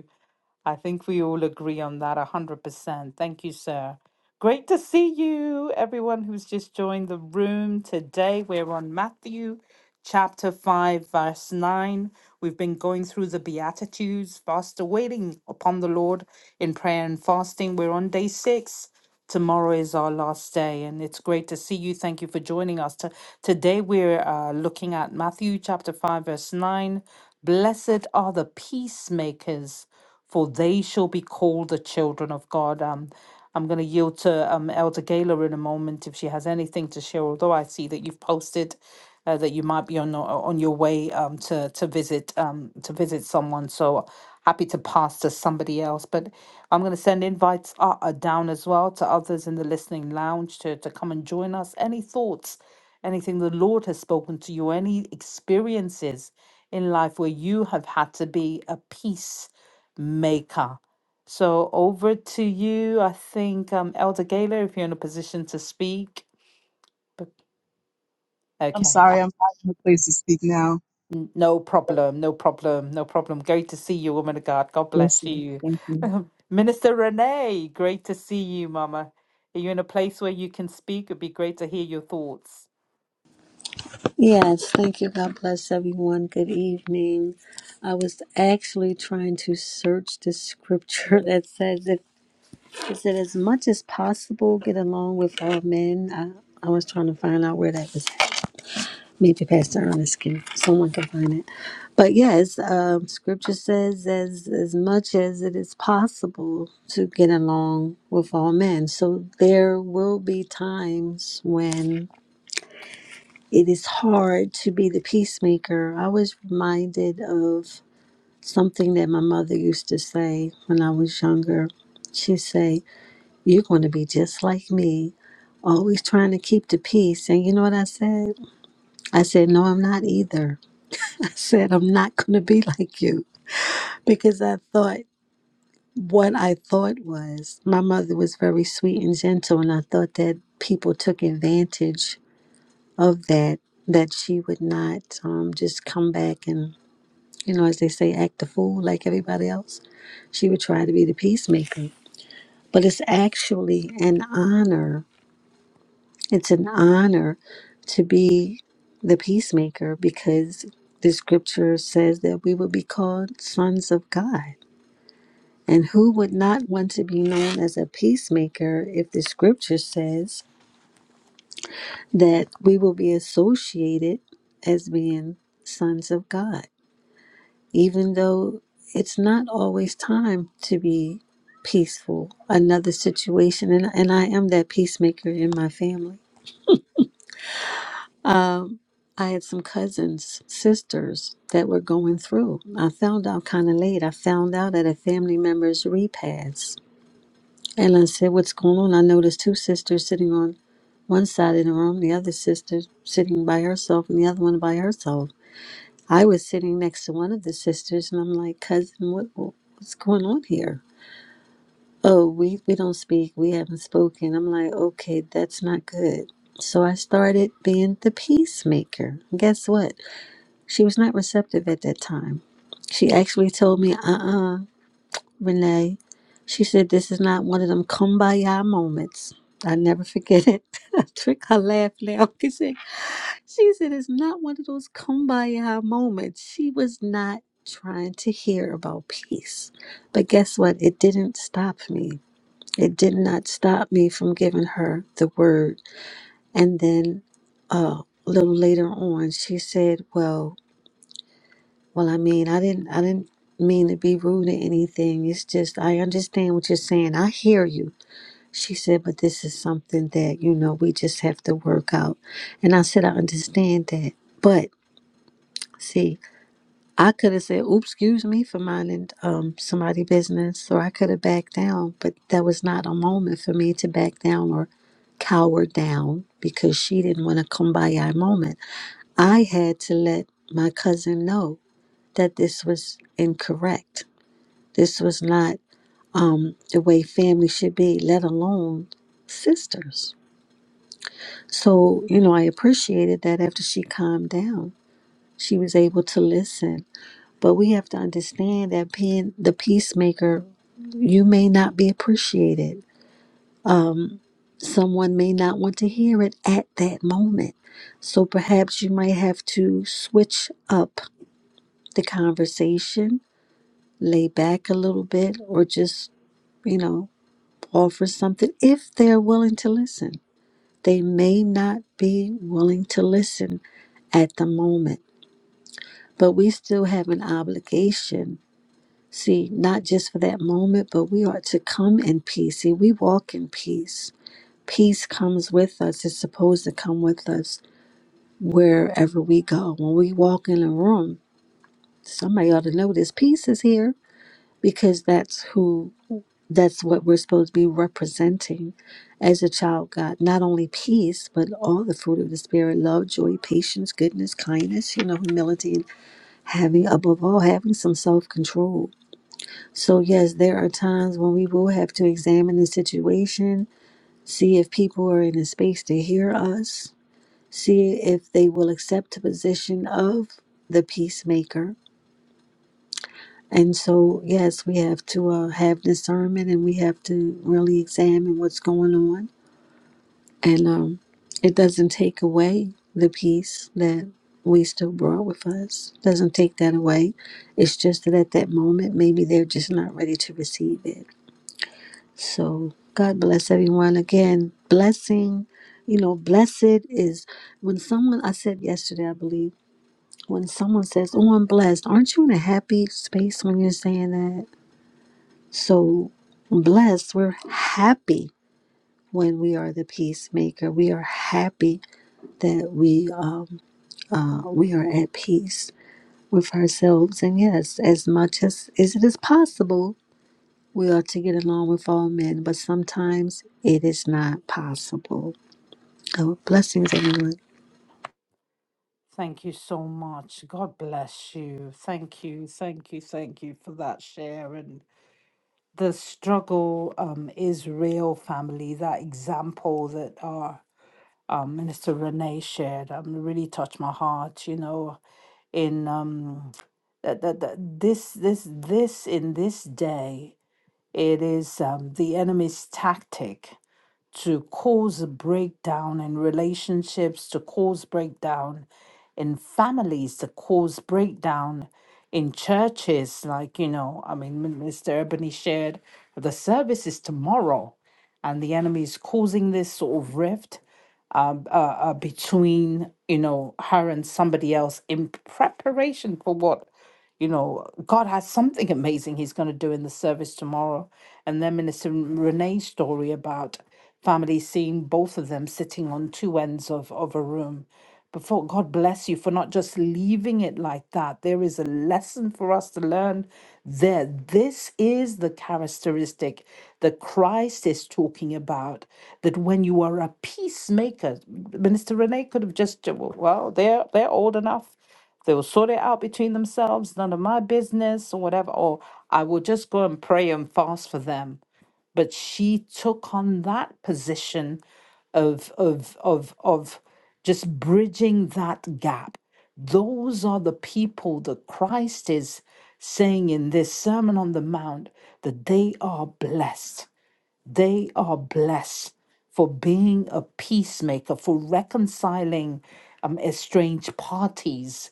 Speaker 1: I think we all agree on that 100%. Thank you, sir. Great to see you, everyone who's just joined the room today. We're on Matthew chapter 5, verse 9. We've been going through the Beatitudes, faster waiting upon the Lord in prayer and fasting. We're on day six. Tomorrow is our last day, and it's great to see you. Thank you for joining us. To- Today, we're uh, looking at Matthew chapter 5, verse 9. Blessed are the peacemakers for they shall be called the children of God. Um, I'm going to yield to um, Elder Gaylor in a moment if she has anything to share. Although I see that you've posted uh, that you might be on on your way um, to to visit um, to visit someone, so happy to pass to somebody else. But I'm going to send invites uh, uh, down as well to others in the listening lounge to to come and join us. Any thoughts? Anything the Lord has spoken to you, any experiences in life where you have had to be a peace maker. So over to you. I think um, Elder Gaylor, if you're in a position to speak. B-
Speaker 7: I'm
Speaker 1: Okay,
Speaker 7: sorry,
Speaker 1: I-
Speaker 7: I'm not in a place to speak now.
Speaker 1: n- no problem, no problem, no problem. Great to see you, woman of God. God
Speaker 7: Yes,
Speaker 1: bless
Speaker 7: sir.
Speaker 1: you,
Speaker 7: Thank you.
Speaker 1: (laughs) Minister Renee. Great to see you, Mama. Are you in a place where you can speak? It'd be great to hear your thoughts.
Speaker 8: Yes, thank you. God bless everyone. Good evening. I was actually trying to search the scripture (laughs) that says that it said as much as possible get along with all men. I, I was trying to find out where that was. Maybe Pastor Ernest can someone can find it. But yes, um, scripture says as as much as it is possible to get along with all men. So there will be times when it is hard to be the peacemaker. I was reminded of something that my mother used to say when I was younger. She'd say, You're going to be just like me, always trying to keep the peace. And you know what I said? I said, No, I'm not either. (laughs) I said, I'm not going to be (laughs) like you because I thought what I thought was my mother was very sweet and gentle, and I thought that people took advantage of that. That she would not um, just come back and you know, as they say, act the fool like everybody else. She would try to be the peacemaker. But it's actually an honor. It's an honor to be the peacemaker because the scripture says that we would be called sons of God. And who would not want to be known as a peacemaker if the scripture says that we will be associated as being sons of God? even though it's not always time to be peaceful. Another situation, and, and I am that peacemaker in my family. Um, I had some cousins, sisters that were going through. I found out kind of late. I found out at a family member's repast. And I said, What's going on? I noticed two sisters sitting on one side of the room, the other sister sitting by herself, and the other one by herself. I was sitting next to one of the sisters, and I'm like, Cousin, what, what's going on here? oh we we don't speak we haven't spoken i'm like okay that's not good so i started being the peacemaker guess what she was not receptive at that time she actually told me uh-uh renee she said this is not one of them kumbaya moments i never forget it (laughs) trick her laugh now (laughs) 'cause she said, she said it's not one of those kumbaya moments she was not trying to hear about peace but guess what it didn't stop me it did not stop me from giving her the word. And then uh, a little later on, she said, "Well, well, I mean, I didn't, I didn't mean to be rude or anything. It's just I understand what you're saying. I hear you." She said, "But this is something that you know we just have to work out." And I said, "I understand that, but." See, I could have said, oops, excuse me for minding um, somebody business, or I could have backed down, but that was not a moment for me to back down or cower down because she didn't want a kumbaya moment. I had to let my cousin know that this was incorrect. This was not um, the way family should be, let alone sisters. So, you know, I appreciated that after she calmed down, she was able to listen But we have to understand that being the peacemaker, you may not be appreciated. Someone may not want to hear it at that moment. So perhaps you might have to switch up the conversation, lay back a little bit, or just, you know, offer something if they're willing to listen. They may not be willing to listen at the moment, but we still have an obligation See, not just for that moment, but we are to come in peace. See, we walk in peace. Peace comes with us, it's supposed to come with us wherever we go. When we walk in a room, somebody ought to know this peace is here because that's who that's what we're supposed to be representing as a child of God. Not only peace, but all the fruit of the spirit, love, joy, patience, goodness, kindness, you know, humility and having above all having some self control So, yes, there are times when we will have to examine the situation, see if people are in a space to hear us, see if they will accept the position of the peacemaker. And so, yes, we have to uh, have discernment and we have to really examine what's going on. And um, it doesn't take away the peace that we still brought with us, doesn't take that away. It's just that at that moment, maybe they're just not ready to receive it. So God bless everyone again. Blessing, you know, blessed is when someone I said yesterday, I believe, when someone says, "Oh, I'm blessed," aren't you in a happy space when you're saying that? So blessed, we're happy when we are the peacemaker. We are happy that we um, uh, we are at peace with ourselves, and yes, as much as as it is possible. We ought to get along with all men, but sometimes it is not possible. Oh, blessings, everyone.
Speaker 1: Thank you so much. God bless you. Thank you, thank you, thank you for that share the struggle um, is real, family. That example that our um, Minister Renee shared um, really touched my heart. You know, in um, that, that, that this this this in this day, it is um, the enemy's tactic to cause breakdown in relationships, to cause breakdown in families, to cause breakdown in churches. Like, you know, I mean, Min- Mr. Ebony shared the service is tomorrow, and the enemy is causing this sort of rift um, uh, uh, between you know her and somebody else in preparation for what you know God has something amazing He's going to do in the service tomorrow, and then Minister Renee's story about family seeing both of them sitting on two ends of of a room but for God bless you for not just leaving it like that. There is a lesson for us to learn there. This is the characteristic that Christ is talking about. That when you are a peacemaker, Minister Renee could have just well, they're they're old enough. They will sort it out between themselves, none of my business or whatever. Or I will just go and pray and fast for them but she took on that position of of of of just bridging that gap those are the people that Christ is saying in this sermon on the mount that they are blessed they are blessed for being a peacemaker, for reconciling um, estranged parties,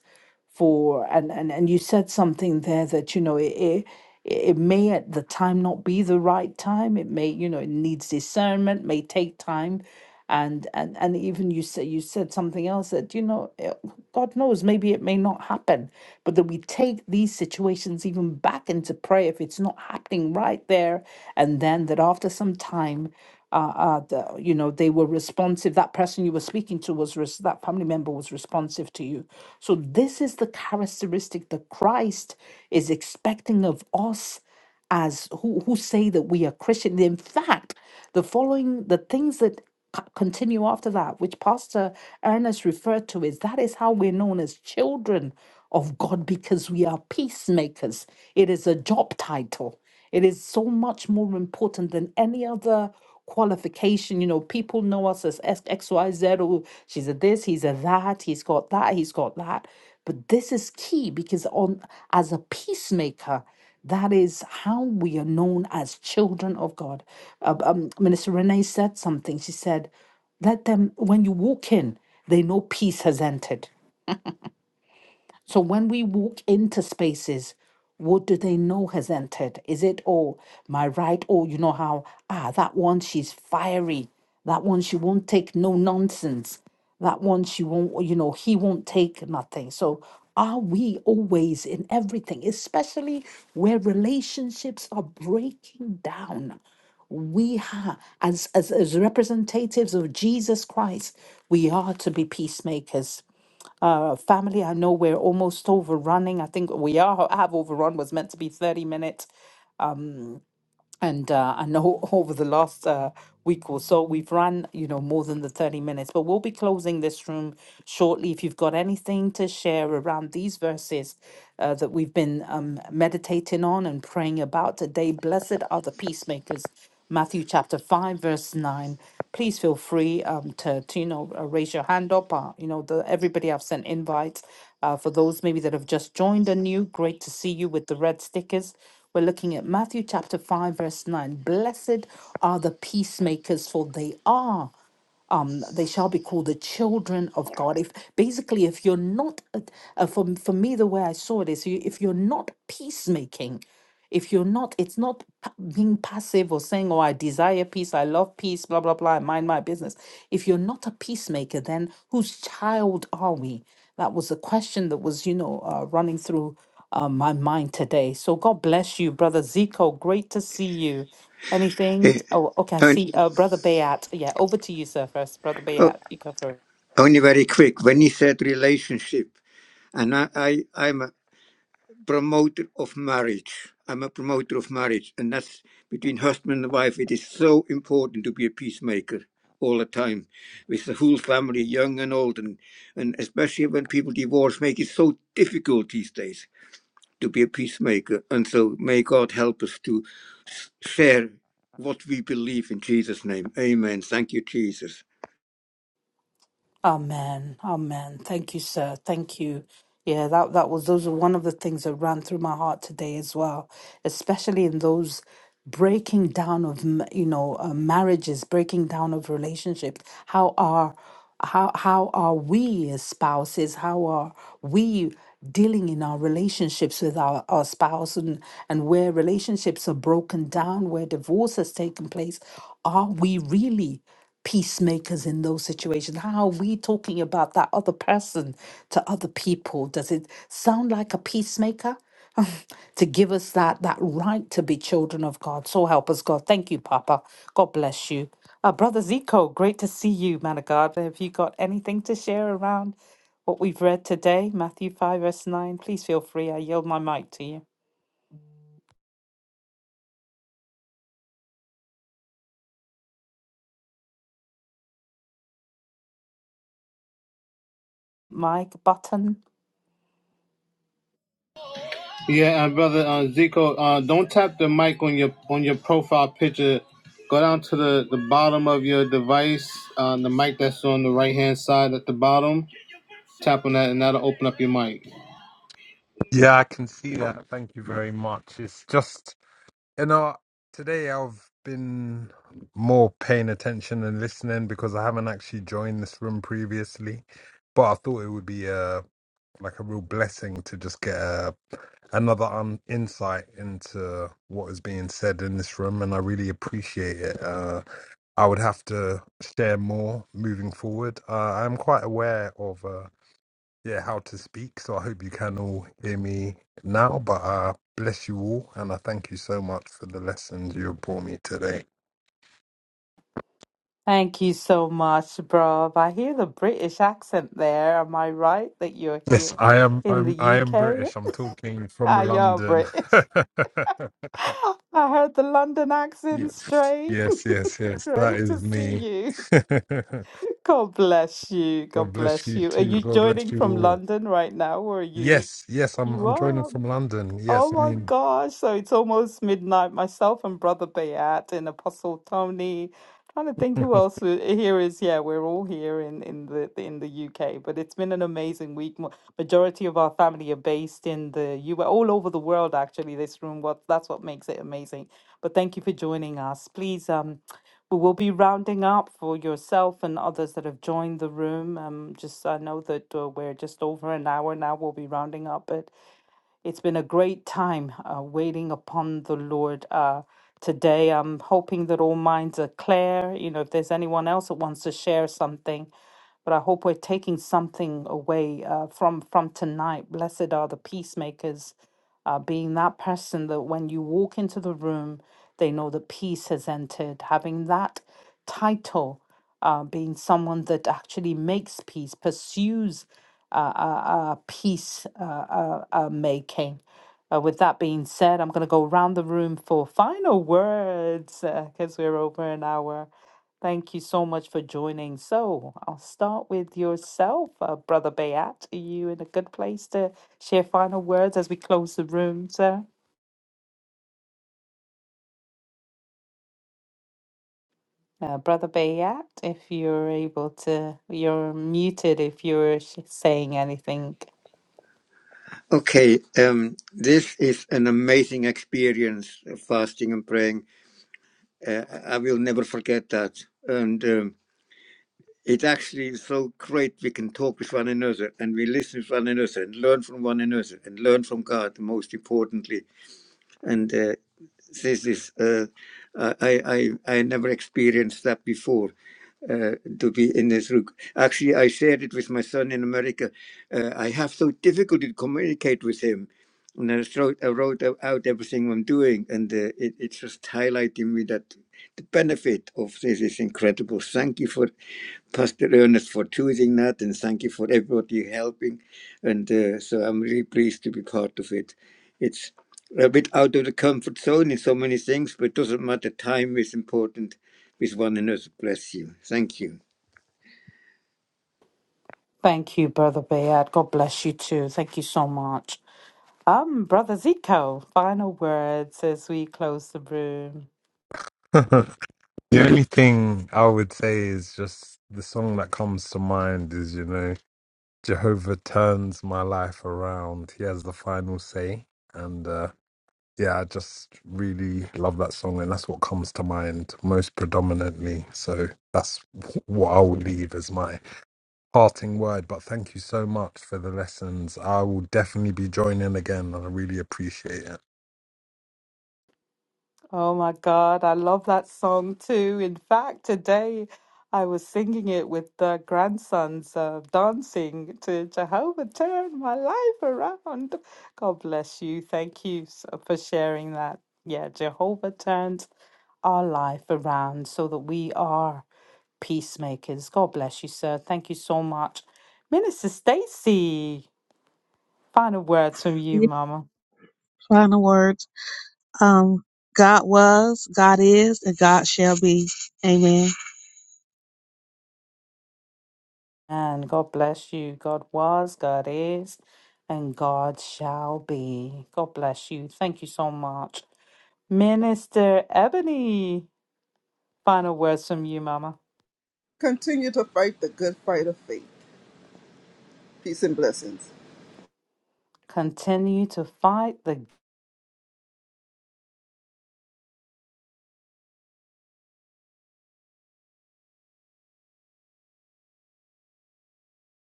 Speaker 1: for and, and and you said something there that you know it, it it may at the time not be the right time. It may you know it needs discernment, may take time, and and and even you said you said something else that you know. God knows, maybe it may not happen, but that we take these situations even back into prayer if it's not happening right there and then, that after some time, uh, uh, the, you know, they were responsive. That person you were speaking to was res- that family member was responsive to you. So this is the characteristic that Christ is expecting of us as who, who say that we are Christian. In fact, the following the things that co- continue after that, which Pastor Ernest referred to, is that is how we're known as children of God because we are peacemakers. It is a job title. It is so much more important than any other qualification. You know, people know us as X- XYZ, or she's a this, he's a that, he's got that, he's got that. But this is key because on as a peacemaker, that is how we are known as children of God. Uh, um, Minister Renee said something. She said, let them, when you walk in, they know peace has entered. So when we walk into spaces, what do they know has entered? Is it, oh, my right? Oh, you know how, ah, that one, she's fiery. That one, she won't take no nonsense. That one, she won't, you know, he won't take nothing. So are we always in everything, especially where relationships are breaking down? we have as, as as representatives of Jesus Christ, we are to be peacemakers. Uh, family, I know we're almost overrunning. I think we are have overrun was meant to be 30 minutes and uh, I know (laughs) over the last uh, week or so we've run you know more than the 30 minutes but we'll be closing this room shortly if you've got anything to share around these verses uh, that we've been um, meditating on and praying about today blessed are the peacemakers matthew chapter 5 verse 9 please feel free um, to, to you know uh, raise your hand up uh, you know the everybody i've sent invites uh, for those maybe that have just joined anew great to see you with the red stickers we're looking at Matthew chapter 5, verse 9. Blessed are the peacemakers, for they are um, they shall be called the children of God. If basically, if you're not, uh, uh, for for me, the way I saw it is, you- if you're not peacemaking, if you're not, it's not pa- being passive or saying, "Oh, I desire peace, I love peace, blah blah blah, I mind my business." If you're not a peacemaker, then whose child are we? That was the question that was, you know, uh, running through uh, my mind today. So God bless you, brother Zico. Great to see you. Anything?
Speaker 6: Eh,
Speaker 1: Oh, okay. I
Speaker 6: and
Speaker 1: see. Uh, Brother Bayat. Yeah, over to you, sir. First, Brother
Speaker 6: oh,
Speaker 1: Bayat, you go first.
Speaker 6: only very quick. When you said relationship, and I, I I'm a- promoter of marriage. I'm a promoter of marriage, and that's between husband and wife. It is so important to be a peacemaker all the time with the whole family, young and old, and, and especially when people divorce, make it so difficult these days to be a peacemaker. And so may God help us to share what we believe in Jesus' name. Amen. Thank you, Jesus.
Speaker 1: Amen. Amen. Thank you, sir. Thank you. Yeah, that, that was those are one of the things that ran through my heart today as well, especially in those breaking down of m- you know uh, marriages, breaking down of relationships. How are how how are we as spouses? How are we dealing in our relationships with our, our spouse and and where relationships are broken down, where divorce has taken place? Are we really? peacemakers in those situations? How are we talking about that other person to other people? Does it sound like a peacemaker? (laughs) to give us that that right to be children of God. So help us, God. Thank you, Papa. God bless you. Uh, Brother Zico, great to see you, man of God. Have you got anything to share around what we've read today? Matthew 5, verse 9. Please feel free. I yield my mic to you. Mic button.
Speaker 2: Yeah, uh, brother uh, Zico, uh, don't tap the mic on your on your profile picture. Go down to the, the bottom of your device, uh, the mic that's on the right hand side at the bottom. Tap on that, and that'll open up your mic.
Speaker 9: Yeah, I can see that. Thank you very much. It's just, you know, today I've been more paying attention and listening because I haven't actually joined this room previously, but I thought it would be a like a real blessing to just get a, another um, insight into what is being said in this room, and I really appreciate it. Uh, I would have to share more moving forward. Uh, I'm quite aware of. Uh, yeah, how to speak. So I hope you can all hear me now. But uh, bless you all, and I thank you so much for the lessons you have brought me today.
Speaker 1: Thank you so much, Rob. I hear the British accent there. Am I right that you're
Speaker 9: Yes,
Speaker 1: here
Speaker 9: I am.
Speaker 1: in the
Speaker 9: I'm. I am
Speaker 1: UK?
Speaker 9: British. I'm talking from
Speaker 1: Ah, you're
Speaker 9: London.
Speaker 1: British.
Speaker 9: (laughs)
Speaker 1: (laughs) I heard the London accent
Speaker 9: yes,
Speaker 1: straight.
Speaker 9: yes, yes,
Speaker 1: (laughs)
Speaker 9: yes. That
Speaker 1: Great
Speaker 9: is
Speaker 1: to see
Speaker 9: me.
Speaker 1: you.
Speaker 9: (laughs)
Speaker 1: (laughs) God bless you.
Speaker 9: God
Speaker 1: God
Speaker 9: bless
Speaker 1: bless
Speaker 9: you
Speaker 1: you. Are
Speaker 9: too.
Speaker 1: you
Speaker 9: God bless
Speaker 1: joining
Speaker 9: you
Speaker 1: from
Speaker 9: all.
Speaker 1: London right now, or are you?
Speaker 9: Yes, yes. I'm.
Speaker 1: You
Speaker 9: I'm joining
Speaker 1: are.
Speaker 9: from London.
Speaker 1: Oh
Speaker 9: Yes, I
Speaker 1: my
Speaker 9: mean.
Speaker 1: gosh. So it's almost midnight. Myself and Brother Bayat and Apostle Tony. Trying to think who
Speaker 9: (laughs)
Speaker 1: else we- here is. Yeah, we're all here in, in the in the UK. But it's been an amazing week. Mo- Majority of our family are based in the US, all over the world actually, this room. What that's what makes it amazing. But thank you for joining us. Please um we will be rounding up for yourself and others that have joined the room. Um, just I know that uh, we're just over an hour now. We'll be rounding up, but it's been a great time uh, waiting upon the Lord uh, today. I'm hoping that all minds are clear. You know, if there's anyone else that wants to share something, but I hope we're taking something away uh, from from tonight. Blessed are the peacemakers uh, being that person that when you walk into the room, they know that peace has entered, having that title, uh, being someone that actually makes peace, pursues uh, uh, uh, peace uh, uh, uh, making. Uh, with that being said, I'm going to go around the room for final words because we're over an hour. Thank you so much for joining. So I'll start with yourself, uh, Brother Bayat. Are you in a good place to share final words as we close the room, sir? Uh, Brother Bayat, if you're able to, you're muted if you're sh- saying anything.
Speaker 6: Okay, um, this is an amazing experience of fasting and praying Uh, I will never forget that. And um, it actually is so great we can talk with one another and we listen to one another and learn from one another and learn from God, most importantly. And uh, this is, uh, I, I I never experienced that before uh, to be in this room. Actually, I shared it with my son in America. Uh, I have so difficulty to communicate with him. And I wrote, I wrote out out everything I'm doing, and uh, it, it's just highlighting me that the benefit of this is incredible. Thank you for Pastor Ernest for choosing that, and thank you for everybody helping. And uh, so I'm really pleased to be part of it. It's a bit out of the comfort zone in so many things, but it doesn't matter. Time is important with one another. Bless you. Thank you.
Speaker 1: Thank you, Brother Bayat. God bless you too. Thank you so much. Um, Brother Zico, final words as we close the room.
Speaker 9: (laughs) the only thing I would say is just the song that comes to mind is you know Jehovah turns my life around. He has the final say. And uh, yeah, I just really love that song. And that's what comes to mind most predominantly. So that's what I will leave as my parting word. But thank you so much for the lessons. I will definitely be joining again. And I really appreciate it.
Speaker 1: Oh my God, I love that song too. In fact, today I was singing it with the grandsons, uh, dancing to Jehovah Turn My Life Around. God bless you. Thank you s- for sharing that. Yeah, Jehovah turns our life around so that we are peacemakers. God bless you, sir. Thank you so much. Minister Stacy, final words from you,
Speaker 3: Your
Speaker 1: Mama.
Speaker 3: final words. Um, God was, God is, and God shall be. Amen.
Speaker 1: And God bless you. God was, God is, and God shall be. God bless you. Thank you so much. Minister Ebony, final words from you, Mama.
Speaker 4: Continue to fight the good fight of faith. Peace and blessings.
Speaker 1: Continue to fight. The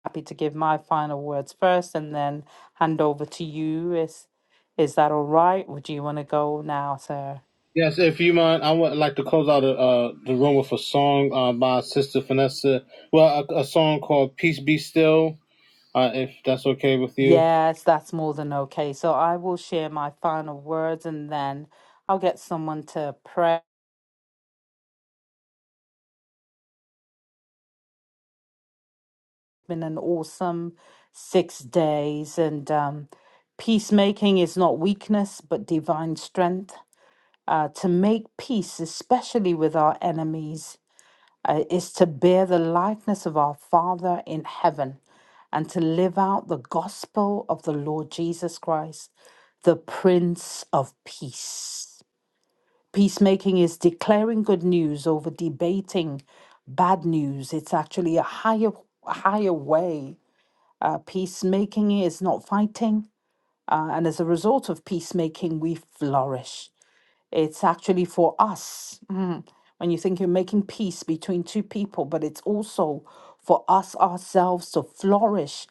Speaker 1: happy to give my final words first and then hand over to you. Is is that all right? Would you want to go now, sir?
Speaker 2: Yes, if you mind, I would like to close out uh, the room with a song uh, by Sister Vanessa. Well, a, a song called "Peace Be Still." Uh, if that's okay with you.
Speaker 1: Yes, that's more than okay. So I will share my final words and then I'll get someone to pray. been an awesome six days and um, peacemaking is not weakness but divine strength uh, to make peace especially with our enemies uh, is to bear the likeness of our father in heaven and to live out the gospel of the lord jesus christ the prince of peace peacemaking is declaring good news over debating bad news it's actually a higher higher way uh, peacemaking is not fighting. Uh, and as a result of peacemaking, we flourish. It's actually for us. mm, When you think you're making peace between two people, but it's also for us ourselves to flourish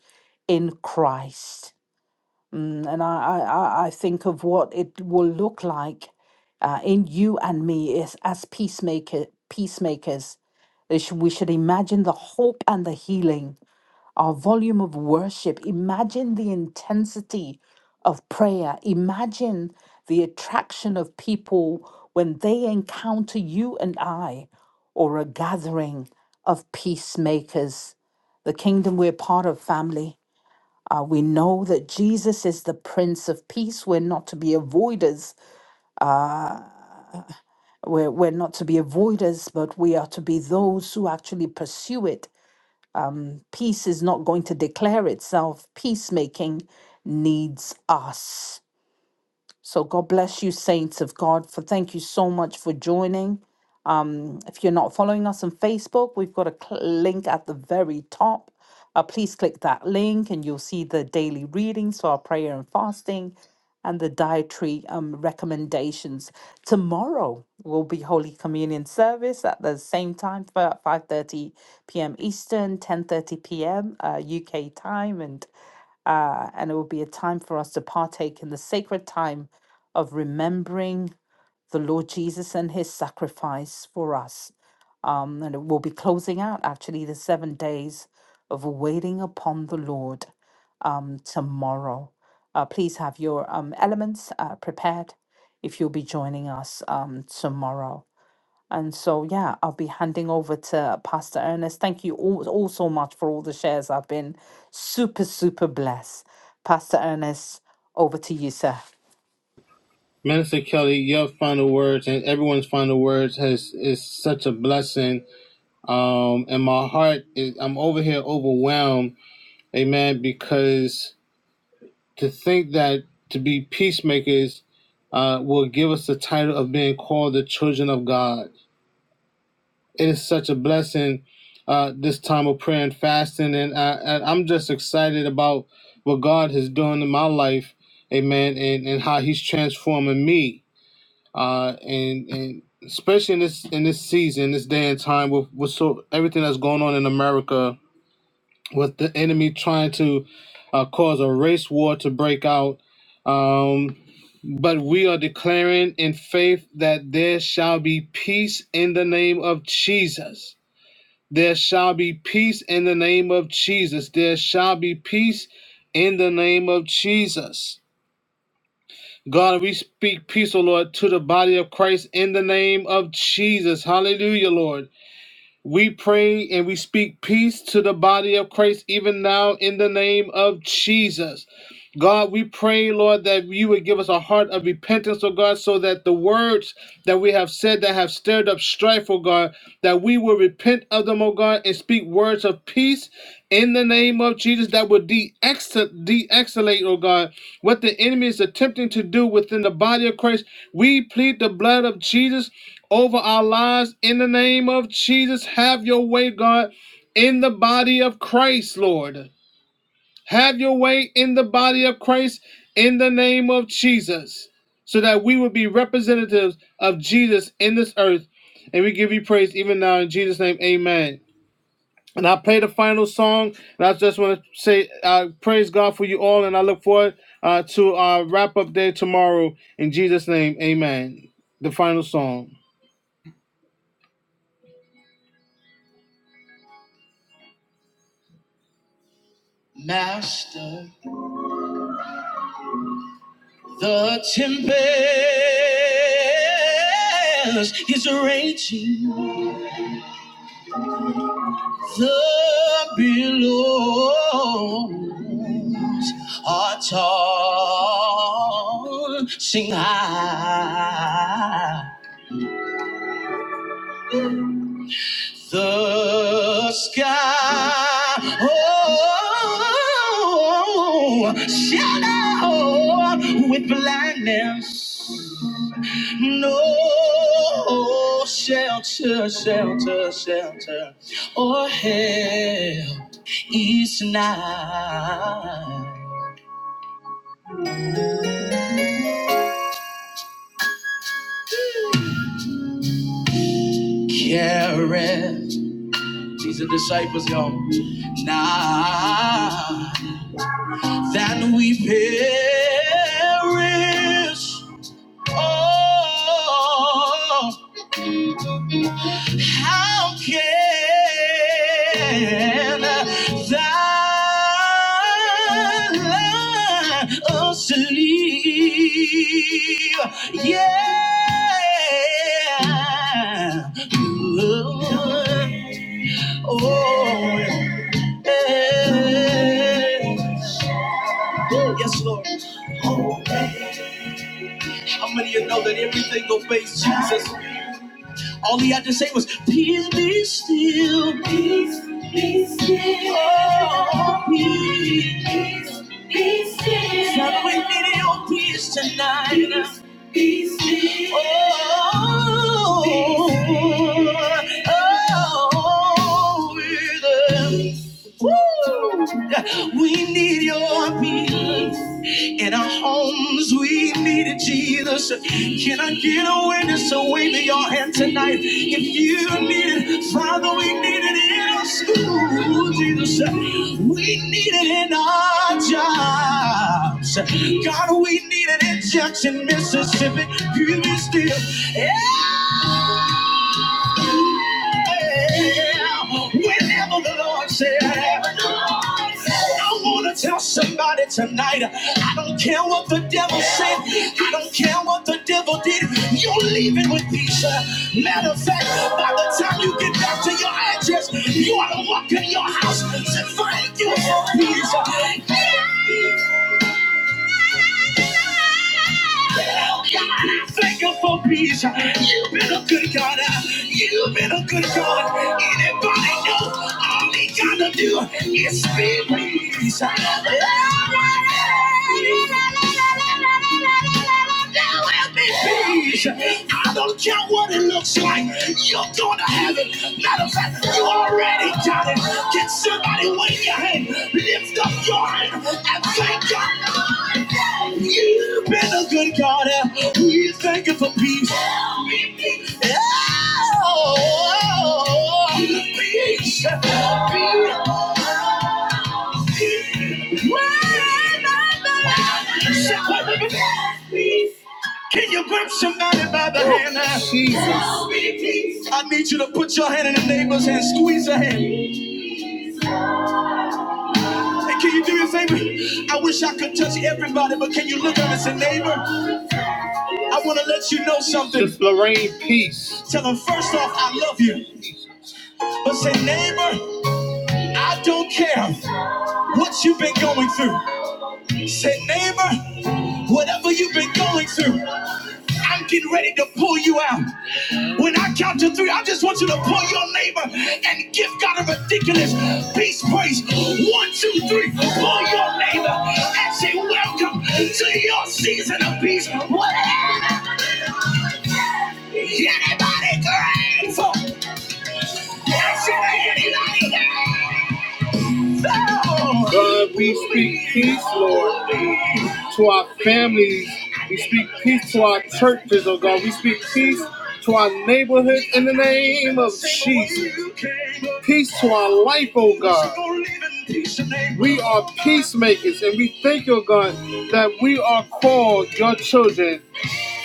Speaker 1: in Christ. Mm, and I, I, I I think of what it will look like uh, in you and me is as peacemaker, peacemakers. They should- We should imagine the hope and the healing our volume of worship. Imagine the intensity of prayer. Imagine the attraction of people when they encounter you and I or a gathering of peacemakers. The kingdom we're part of, family. Uh, we know that Jesus is the Prince of Peace. We're not to be avoiders. We're, we're not to be avoiders, but we are to be those who actually pursue it Peace is not going to declare itself. Peacemaking needs us. So, God bless you, saints of God, for thank you so much for joining. Um, if you're not following us on Facebook, we've got a cl- link at the very top. Uh, please click that link and you'll see the daily readings for our prayer and fasting and the dietary um, recommendations. Tomorrow will be Holy Communion service at the same time for 5.30 p.m. Eastern, 10.30 p.m. Uh, UK time. And, uh, and it will be a time for us to partake in the sacred time of remembering the Lord Jesus and his sacrifice for us. Um, and we'll be closing out actually the seven days of waiting upon the Lord um, tomorrow. Uh, please have your um, elements uh, prepared if you'll be joining us um, tomorrow. And so, yeah, I'll be handing over to Pastor Ernest. Thank you all, all so much for all the shares. I've been super, super blessed. Pastor Ernest, over to you, sir.
Speaker 2: Minister Kelly, your final words and everyone's final words has is such a blessing. Um, and my heart is I'm over here overwhelmed, amen, because to think that to be peacemakers uh, will give us the title of being called the children of God. It is such a blessing uh, this time of prayer and fasting, and, I, and I'm just excited about what God is doing in my life, amen, and, and how He's transforming me. uh, and and especially in this in this season, this day and time, with with so everything that's going on in America, with the enemy trying to uh, cause a race war to break out. Um, but we are declaring in faith that there shall be peace in the name of Jesus. There shall be peace in the name of Jesus. There shall be peace in the name of Jesus. God, we speak peace, O Lord, to the body of Christ in the name of Jesus. Hallelujah, Lord. We pray and we speak peace to the body of Christ even now in the name of Jesus. God, we pray, Lord, that you would give us a heart of repentance, O God, so that the words that we have said that have stirred up strife, O God, that we will repent of them, O God, and speak words of peace in the name of Jesus that will de escalate, O God, what the enemy is attempting to do within the body of Christ. We plead the blood of Jesus over our lives in the name of Jesus. Have your way, God, in the body of Christ, Lord. Have your way in the body of Christ in the name of Jesus, so that we will be representatives of Jesus in this earth. And we give you praise even now in Jesus' name. Amen. And I play the final song, and I just want to say, uh, praise God for you all, and I look forward uh, to our wrap up day tomorrow. In Jesus' name, amen. The final song. Master, the tempest is raging The billows are tossing high. The sky oh, shallow with blindness. No shelter, shelter, shelter, or help is nigh. Careth. These are disciples, y'all. Nigh. that we perish. Oh, how can thy love sleep? Yeah. Lord, Oh, yeah. Yes, Lord. How many of you know that everything obeys Jesus? All he had to say was, Peace be still. Peace be still. Oh, peace. Peace be still. God, we need your peace tonight. Peace be still. Oh, oh, we're the- Woo! We need your peace. In our homes, we needed Jesus. Can I get a witness? So wave your hand tonight. If you need it, Father, we need it in our school, Jesus. We need it in our jobs. God, we need it in Jackson, Mississippi. Give me still. Yeah. Whenever the Lord said, I want to tell somebody tonight, I don't care what the devil said, I don't care what the devil did, you're leaving with peace. Matter of fact, by the time you get back to your address, you ought to walk in your house and say, Thank you for peace. Hey! Come on, I thank you for peace. You've been a good God. You've been a good God. Anybody know all he gotta do is be peace. There will be peace. I don't care what it looks like. You're gonna have it. Matter of fact, you already got it. Can somebody wave your hand? Lift up your hand and thank God. You've been a good God. uh, We thank you for peace. Oh, peace. When I Peace. Can you grab somebody by the hand? Jesus. I need you to put your hand in the neighbor's hand, squeeze her hand. And can you do me a favor? I wish I could touch everybody, but can you look at me and say, neighbor? I want to let you know something. Miss Lorraine, peace. Tell them first off, I love you. But say, neighbor, I don't care what you've been going through. Say, neighbor, whatever you've been going through. I'm getting ready to pull you out. When I count to three, I just want you to pull your neighbor and give God a ridiculous peace praise. One, two, three. Pull your neighbor and say, Welcome to your season of peace. What? Is anybody grateful? Is there anybody grateful? God, we speak peace, Lord to our families. We speak peace to our churches, oh God. We speak peace to our neighborhood in the name of Jesus. Peace to our life, oh God. We are peacemakers, and we thank you, oh God, that we are called your children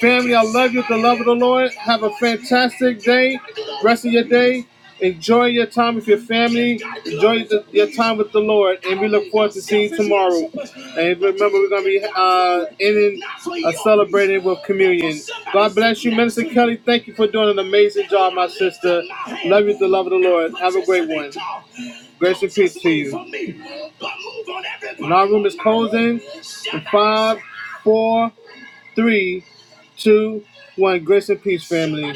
Speaker 2: Family, I love you with the love of the Lord. Have a fantastic day. Rest of your day. Enjoy your time with your family. Enjoy the, your time with the Lord. And we look forward to seeing you tomorrow. And remember, we're going to be uh, ending uh, celebrating with communion. God bless you, Minister Kelly. Thank you for doing an amazing job, my sister. Love you with the love of the Lord. Have a great one. Grace and peace to you. And our room is closing in five, four, three. Two, one. Grace and peace, family.